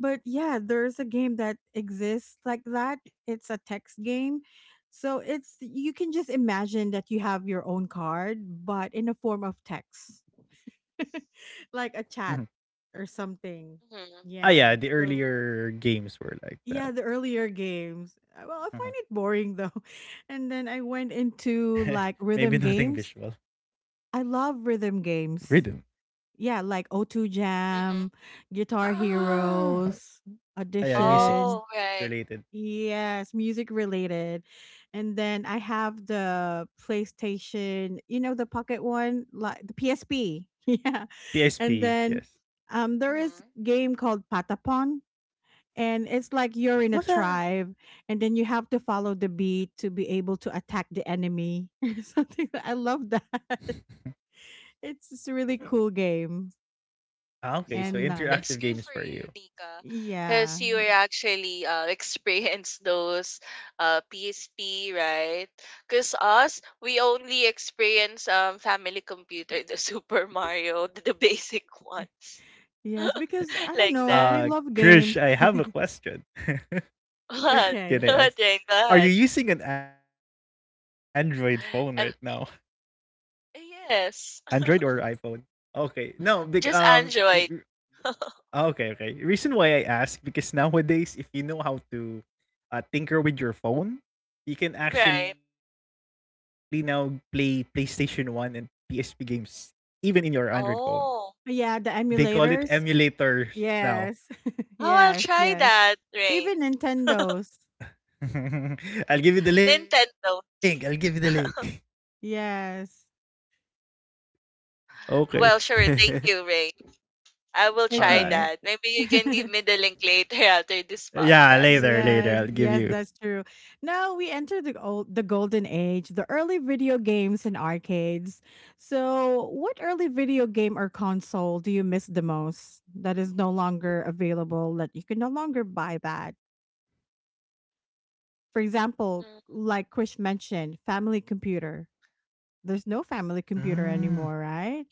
Speaker 1: But yeah, there's a game that exists like that. It's a text game. So it's you can just imagine that you have your own card, but in a form of text. *laughs* Like a chat
Speaker 2: Mhm.
Speaker 1: or something.
Speaker 3: Hmm.
Speaker 2: Ah,
Speaker 1: Yeah.
Speaker 2: yeah, the
Speaker 1: So
Speaker 2: earlier games were like
Speaker 1: yeah, the
Speaker 2: that.
Speaker 1: earlier games. Well, I find it
Speaker 2: Mhm.
Speaker 1: boring though. *laughs* And then I went
Speaker 2: *laughs* Maybe
Speaker 1: into
Speaker 2: nothing
Speaker 1: like
Speaker 2: visual.
Speaker 1: rhythm games. I love rhythm
Speaker 2: Rhythm.
Speaker 1: games. Yeah, like O2 Jam,
Speaker 3: Hmm.
Speaker 1: Guitar
Speaker 2: Ah,
Speaker 1: Heroes,
Speaker 2: Ah, yeah,
Speaker 1: Audition.
Speaker 3: Oh,
Speaker 2: music
Speaker 3: right.
Speaker 2: related.
Speaker 1: Yes, music related. And then I have the PlayStation, the pocket one, like the PSP. *laughs* Yeah. And
Speaker 2: PSP,
Speaker 1: then
Speaker 2: yes.
Speaker 1: there is
Speaker 3: Hmm.
Speaker 1: game called Patapon, and it's like you're in a
Speaker 2: What's that?
Speaker 1: tribe, and then you have to follow the beat to be able to attack the enemy. *laughs* Something I love that. *laughs*
Speaker 2: *laughs*
Speaker 1: It's just a really cool game.
Speaker 2: Ah, okay, so
Speaker 1: And
Speaker 3: Mhm.
Speaker 1: nice.
Speaker 3: That's
Speaker 2: interactive
Speaker 3: good for
Speaker 2: games for
Speaker 3: you,
Speaker 2: you.
Speaker 3: Nika,
Speaker 1: Yeah.
Speaker 3: because you were actually *laughs* experienced those PSP, right? Because us, we only experience family computer, the *laughs* Super Mario, the basic ones,
Speaker 1: Yes, because I
Speaker 3: *laughs*
Speaker 1: don't
Speaker 3: like
Speaker 1: know,
Speaker 2: Uh,
Speaker 3: that.
Speaker 1: we love
Speaker 2: Krish,
Speaker 1: games.
Speaker 2: I have a question. *laughs*
Speaker 3: What?
Speaker 2: Can
Speaker 3: *laughs*
Speaker 1: Okay.
Speaker 2: I
Speaker 3: What?
Speaker 2: ask?
Speaker 3: Rain? Go
Speaker 2: Are
Speaker 3: ahead.
Speaker 2: you using an Android phone right now?
Speaker 3: And
Speaker 2: Android or
Speaker 3: yes,
Speaker 2: iPhone?
Speaker 3: *laughs*
Speaker 2: Okay, no, big
Speaker 3: just Android,
Speaker 2: Ah, okay, okay. Reason why I ask because nowadays, if you know how to tinker with your phone, you can actually
Speaker 3: right?
Speaker 2: now play PlayStation One and PSP games even in your Android phone.
Speaker 3: Oh,
Speaker 1: Yeah, the
Speaker 2: They call it
Speaker 1: emulators.
Speaker 2: emulators now.
Speaker 1: Yes. *laughs*
Speaker 3: oh, I'll
Speaker 1: Yes,
Speaker 3: try
Speaker 1: yes.
Speaker 3: that,
Speaker 1: Even
Speaker 3: Rain.
Speaker 1: nintendos.
Speaker 2: *laughs* I'll give you the link. I'll give you the
Speaker 3: Nintendo.
Speaker 2: link. *laughs*
Speaker 3: *laughs*
Speaker 1: Yes.
Speaker 2: Okay.
Speaker 3: Well, sure.
Speaker 2: *laughs*
Speaker 3: Thank you, Rain. I
Speaker 2: All
Speaker 3: will
Speaker 2: right.
Speaker 3: try
Speaker 1: Okay.
Speaker 3: that. Maybe you can
Speaker 1: *laughs*
Speaker 3: give me the link later *laughs* after this
Speaker 2: Yeah,
Speaker 3: podcast.
Speaker 2: later, later. I'll
Speaker 1: Yes,
Speaker 2: give
Speaker 1: yes,
Speaker 2: you.
Speaker 1: that's true. Now we enter the old, the golden age, the early video games and arcades. So, what early video game or console do you miss the most, that is no longer available, that you can no longer buy that? For example,
Speaker 3: Mm,
Speaker 1: like Krish mentioned, family computer. There's no family
Speaker 2: Mm.
Speaker 1: computer anymore, right?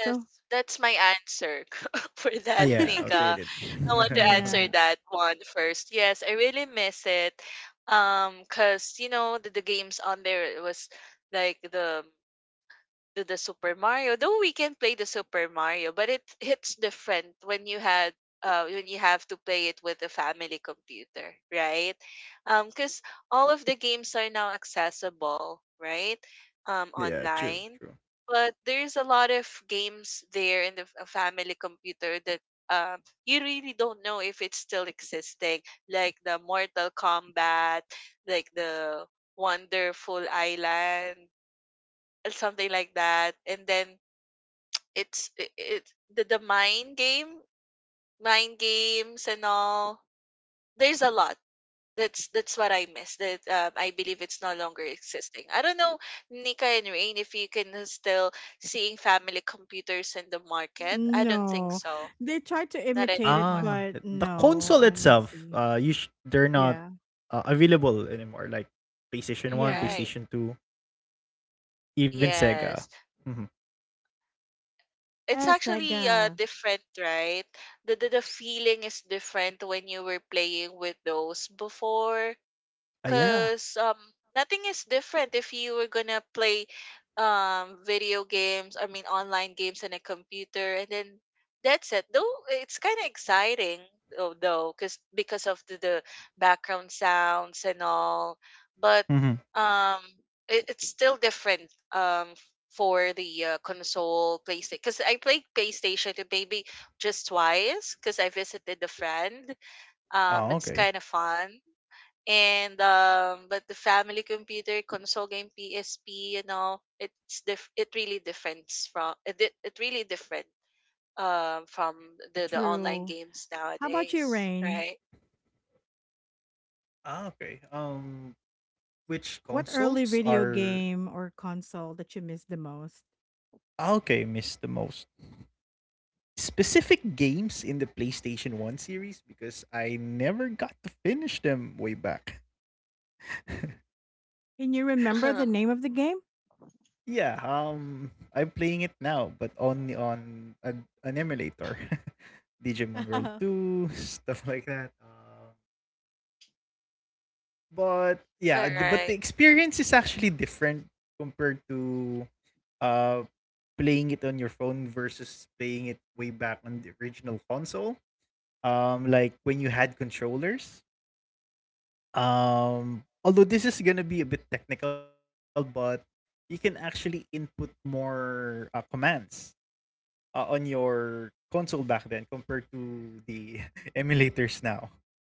Speaker 3: yes,
Speaker 1: So,
Speaker 3: that's my answer *laughs*
Speaker 2: Ah,
Speaker 3: for
Speaker 2: yeah,
Speaker 3: that,
Speaker 2: outdated.
Speaker 3: Nika.
Speaker 1: *laughs*
Speaker 3: I want to answer
Speaker 1: yeah,
Speaker 2: *laughs*
Speaker 3: that one first. Yes, I really miss it. Cause you know the games on there was like the to the Super Mario. Though we can play the Super Mario, but it hits different when you had when you have to play it with a family computer, right? Because all of the games are now accessible, right?
Speaker 2: Yeah, true,
Speaker 3: Online,
Speaker 2: true.
Speaker 3: but there's a lot of games there in the a family computer that you really don't know if it's still existing, like the Mortal Kombat, like the Wonderful Island, something like that. And then it the mind game, mind games and all. There's a lot. That's what I miss. That I believe it's no longer existing. I don't know, Nika and Rain, if you can still seeing family computers in the market. I don't think
Speaker 1: no.
Speaker 3: so.
Speaker 1: They tried to
Speaker 3: Not
Speaker 1: imitate it,
Speaker 3: anymore.
Speaker 2: Ah,
Speaker 1: but
Speaker 2: the
Speaker 1: no,
Speaker 2: console
Speaker 1: I don't
Speaker 2: itself,
Speaker 1: see.
Speaker 2: you sh- they're not
Speaker 1: Yeah.
Speaker 2: available anymore. Like PlayStation One,
Speaker 1: Yes.
Speaker 3: Right.
Speaker 2: PlayStation Two, even Sega.
Speaker 3: Yes.
Speaker 2: Mm-hmm.
Speaker 3: It's
Speaker 1: Yeah,
Speaker 3: actually
Speaker 1: Sega.
Speaker 3: different, right? The feeling is different when you were playing with those before.
Speaker 2: Ah, yeah.
Speaker 3: Cause nothing is different if you were gonna play video games, I mean online games on a computer and then that's it. Though it's kinda exciting though, cause because of the background sounds and all. But
Speaker 2: Mm-hmm.
Speaker 3: um it, it's still different for the console PlayStation because I played PlayStation maybe just twice because I visited a friend.
Speaker 2: Oh,
Speaker 3: It's
Speaker 2: okay.
Speaker 3: kind of fun and but the family computer console game PSP, you know, it's it really differs from it, it really different from the online
Speaker 1: True.
Speaker 3: games
Speaker 1: How about you,
Speaker 3: nowadays,
Speaker 1: Rain?
Speaker 3: right?
Speaker 2: Ah, okay. Which
Speaker 1: What early
Speaker 2: consoles
Speaker 1: video
Speaker 2: are
Speaker 1: game or console that you miss the most?
Speaker 2: Ah, okay, missed the most? Specific games in the PlayStation One series because I never got to finish them way back.
Speaker 1: Can you
Speaker 3: *laughs*
Speaker 1: remember the
Speaker 3: All
Speaker 1: name of the game?
Speaker 2: Yeah, I'm playing it now, but only on an emulator, *laughs* Digimon World
Speaker 1: *laughs*
Speaker 2: Two, *laughs* stuff like that. But yeah, but
Speaker 3: right.
Speaker 2: the experience is actually different compared to uh playing it on your phone versus playing it way back on the original console. Like when you had controllers. Although this is gonna be a bit technical, but you can actually input more commands on your console back then compared to the *laughs* emulators now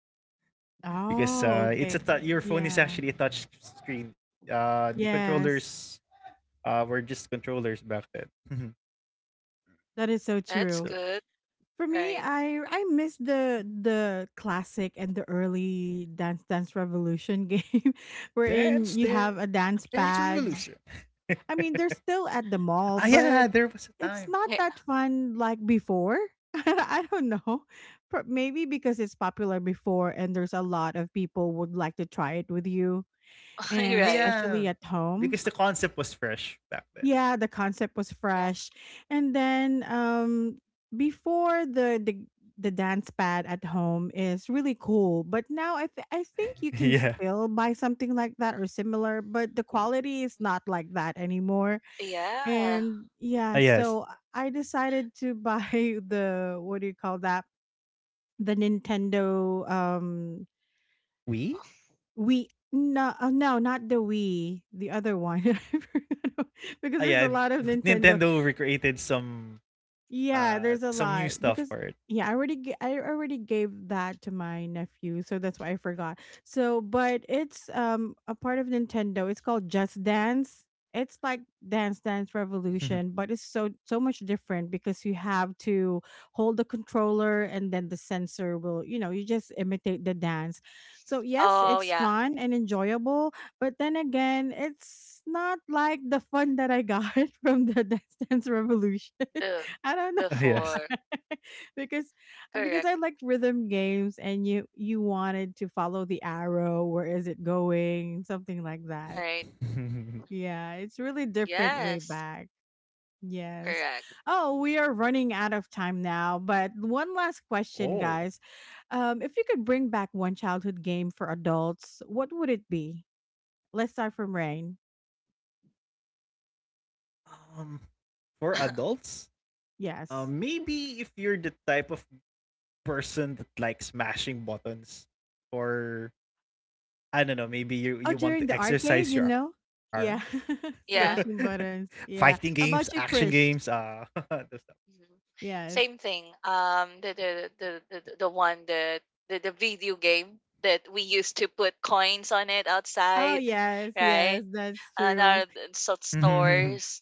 Speaker 3: Mhm.
Speaker 1: Oh,
Speaker 2: because
Speaker 1: okay.
Speaker 2: it's a tou- your phone
Speaker 1: Yeah.
Speaker 2: is actually a touch screen, the
Speaker 1: Yes.
Speaker 2: controllers were just controllers back then.
Speaker 1: That is so
Speaker 3: That's
Speaker 1: true.
Speaker 2: *laughs* So
Speaker 3: good,
Speaker 1: For me,
Speaker 3: right?
Speaker 1: I miss the classic and the early Dance Dance Revolution game, *laughs* wherein you
Speaker 2: Dance
Speaker 1: have a
Speaker 2: Dance
Speaker 1: dance
Speaker 2: Revolution.
Speaker 1: pad. I mean, they're still
Speaker 2: *laughs*
Speaker 1: at
Speaker 2: Ah
Speaker 1: the
Speaker 2: yeah,
Speaker 1: mall,
Speaker 2: there was
Speaker 1: but
Speaker 2: a time.
Speaker 1: it's not that fun like before. *laughs* I don't know. Maybe because it's popular before, and there's a lot of people would like to try it with you,
Speaker 3: *laughs*
Speaker 1: and
Speaker 2: Ah
Speaker 3: Right.
Speaker 1: especially
Speaker 2: yeah,
Speaker 1: at
Speaker 2: because
Speaker 1: home.
Speaker 2: the concept was fresh back then.
Speaker 1: Yeah, the concept was
Speaker 3: Yeah.
Speaker 1: fresh. And then before, the dance pad at home is really cool, but now I think
Speaker 2: *laughs*
Speaker 1: you can
Speaker 2: Yeah.
Speaker 1: still buy something like that or similar, but the quality is not like that anymore.
Speaker 3: Yeah.
Speaker 1: And
Speaker 2: Ah
Speaker 1: yeah,
Speaker 2: yes.
Speaker 1: so I decided to buy *laughs* the, what do you call that, the nintendo,
Speaker 2: We?
Speaker 1: wii, no, no, not the wii, the other one. *laughs* I forgot
Speaker 2: Ah
Speaker 1: because
Speaker 2: yeah.
Speaker 1: there's a lot of nintendo.
Speaker 2: Nintendo recreated
Speaker 1: Yeah, there's a
Speaker 2: some new
Speaker 1: lot,
Speaker 2: stuff for
Speaker 1: because
Speaker 2: it.
Speaker 1: yeah, I already I already gave that to my nephew, so that's why I forgot. So, but it's a part of Nintendo. It's called Just Dance. It's like Dance
Speaker 2: *laughs*
Speaker 1: Dance Revolution, but it's so much different, because you have to hold the controller, and then the sensor will, you just imitate the dance. So, yes,
Speaker 3: Oh,
Speaker 1: it's
Speaker 3: yeah.
Speaker 1: fun and enjoyable, but then again, it's not like the fun that I got *laughs* from the Dance Dance Revolution.
Speaker 3: The
Speaker 1: I don't
Speaker 2: Ah
Speaker 1: know.
Speaker 2: yes.
Speaker 3: before.
Speaker 1: *laughs* because because
Speaker 3: Correct.
Speaker 1: I like rhythm games, and you wanted to follow the arrow. Where is it going? Something like that.
Speaker 3: Right.
Speaker 2: *laughs*
Speaker 3: Mhm.
Speaker 1: Yeah, it's really different way
Speaker 3: Yes.
Speaker 1: back. Yes.
Speaker 3: Correct.
Speaker 1: Oh, we are running out of time now. But one last question,
Speaker 2: Oh.
Speaker 1: guys. If you could bring back one childhood game for adults, what would it be? Let's start from Rain.
Speaker 2: Um for adults?
Speaker 1: Yes.
Speaker 2: Maybe if you're the type of person that likes mashing buttons or I don't know, maybe
Speaker 1: Oh,
Speaker 2: you want
Speaker 1: during
Speaker 2: to
Speaker 1: the arcade,
Speaker 2: exercise
Speaker 1: you
Speaker 2: your
Speaker 1: know?
Speaker 2: arm.
Speaker 1: Yeah. *laughs*
Speaker 2: *laughs*
Speaker 3: Yeah.
Speaker 1: Smashing
Speaker 2: Fighting
Speaker 1: buttons.
Speaker 2: games,
Speaker 1: Yeah. How
Speaker 2: action
Speaker 1: about
Speaker 3: *laughs*
Speaker 1: you,
Speaker 2: games,
Speaker 1: Chris?
Speaker 2: uh, *laughs* those stuff.
Speaker 3: Mhm.
Speaker 1: Yes.
Speaker 3: Same thing. The one that the video game that we used to put coins on it
Speaker 1: Oh,
Speaker 3: outside, *laughs*
Speaker 1: yes,
Speaker 3: right?
Speaker 1: yes, that's
Speaker 3: And
Speaker 1: true.
Speaker 3: our such stores.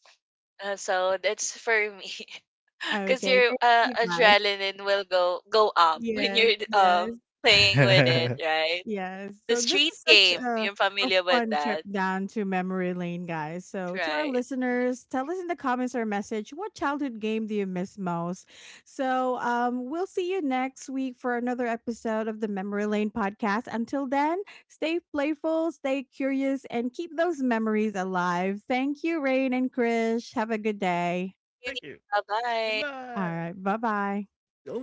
Speaker 3: So that's for me, *laughs* because
Speaker 1: Okay,
Speaker 3: your
Speaker 1: thank you, guys.
Speaker 3: adrenaline will go up *laughs* when
Speaker 1: Yes,
Speaker 3: you're
Speaker 1: yes,
Speaker 3: playing with it,
Speaker 2: *laughs*
Speaker 3: right?
Speaker 1: yes.
Speaker 3: The
Speaker 1: So this
Speaker 3: street
Speaker 1: is such
Speaker 3: game.
Speaker 1: a,
Speaker 3: You're
Speaker 1: a
Speaker 3: familiar with
Speaker 1: fun trip
Speaker 3: that,
Speaker 1: down to memory lane, guys. So to our
Speaker 3: right? Mhm.
Speaker 1: listeners, tell us in the comments or message, what childhood game do you miss most? So we'll see you next week for another episode of the Memory Lane podcast. Until then, stay playful, stay curious, and keep those memories alive. Thank you, Rain and Krish. Have a good
Speaker 2: Thank *laughs* you.
Speaker 1: day.
Speaker 3: Bye
Speaker 2: Goodbye.
Speaker 3: bye.
Speaker 1: All right. Bye
Speaker 2: Till
Speaker 1: bye.
Speaker 2: next time.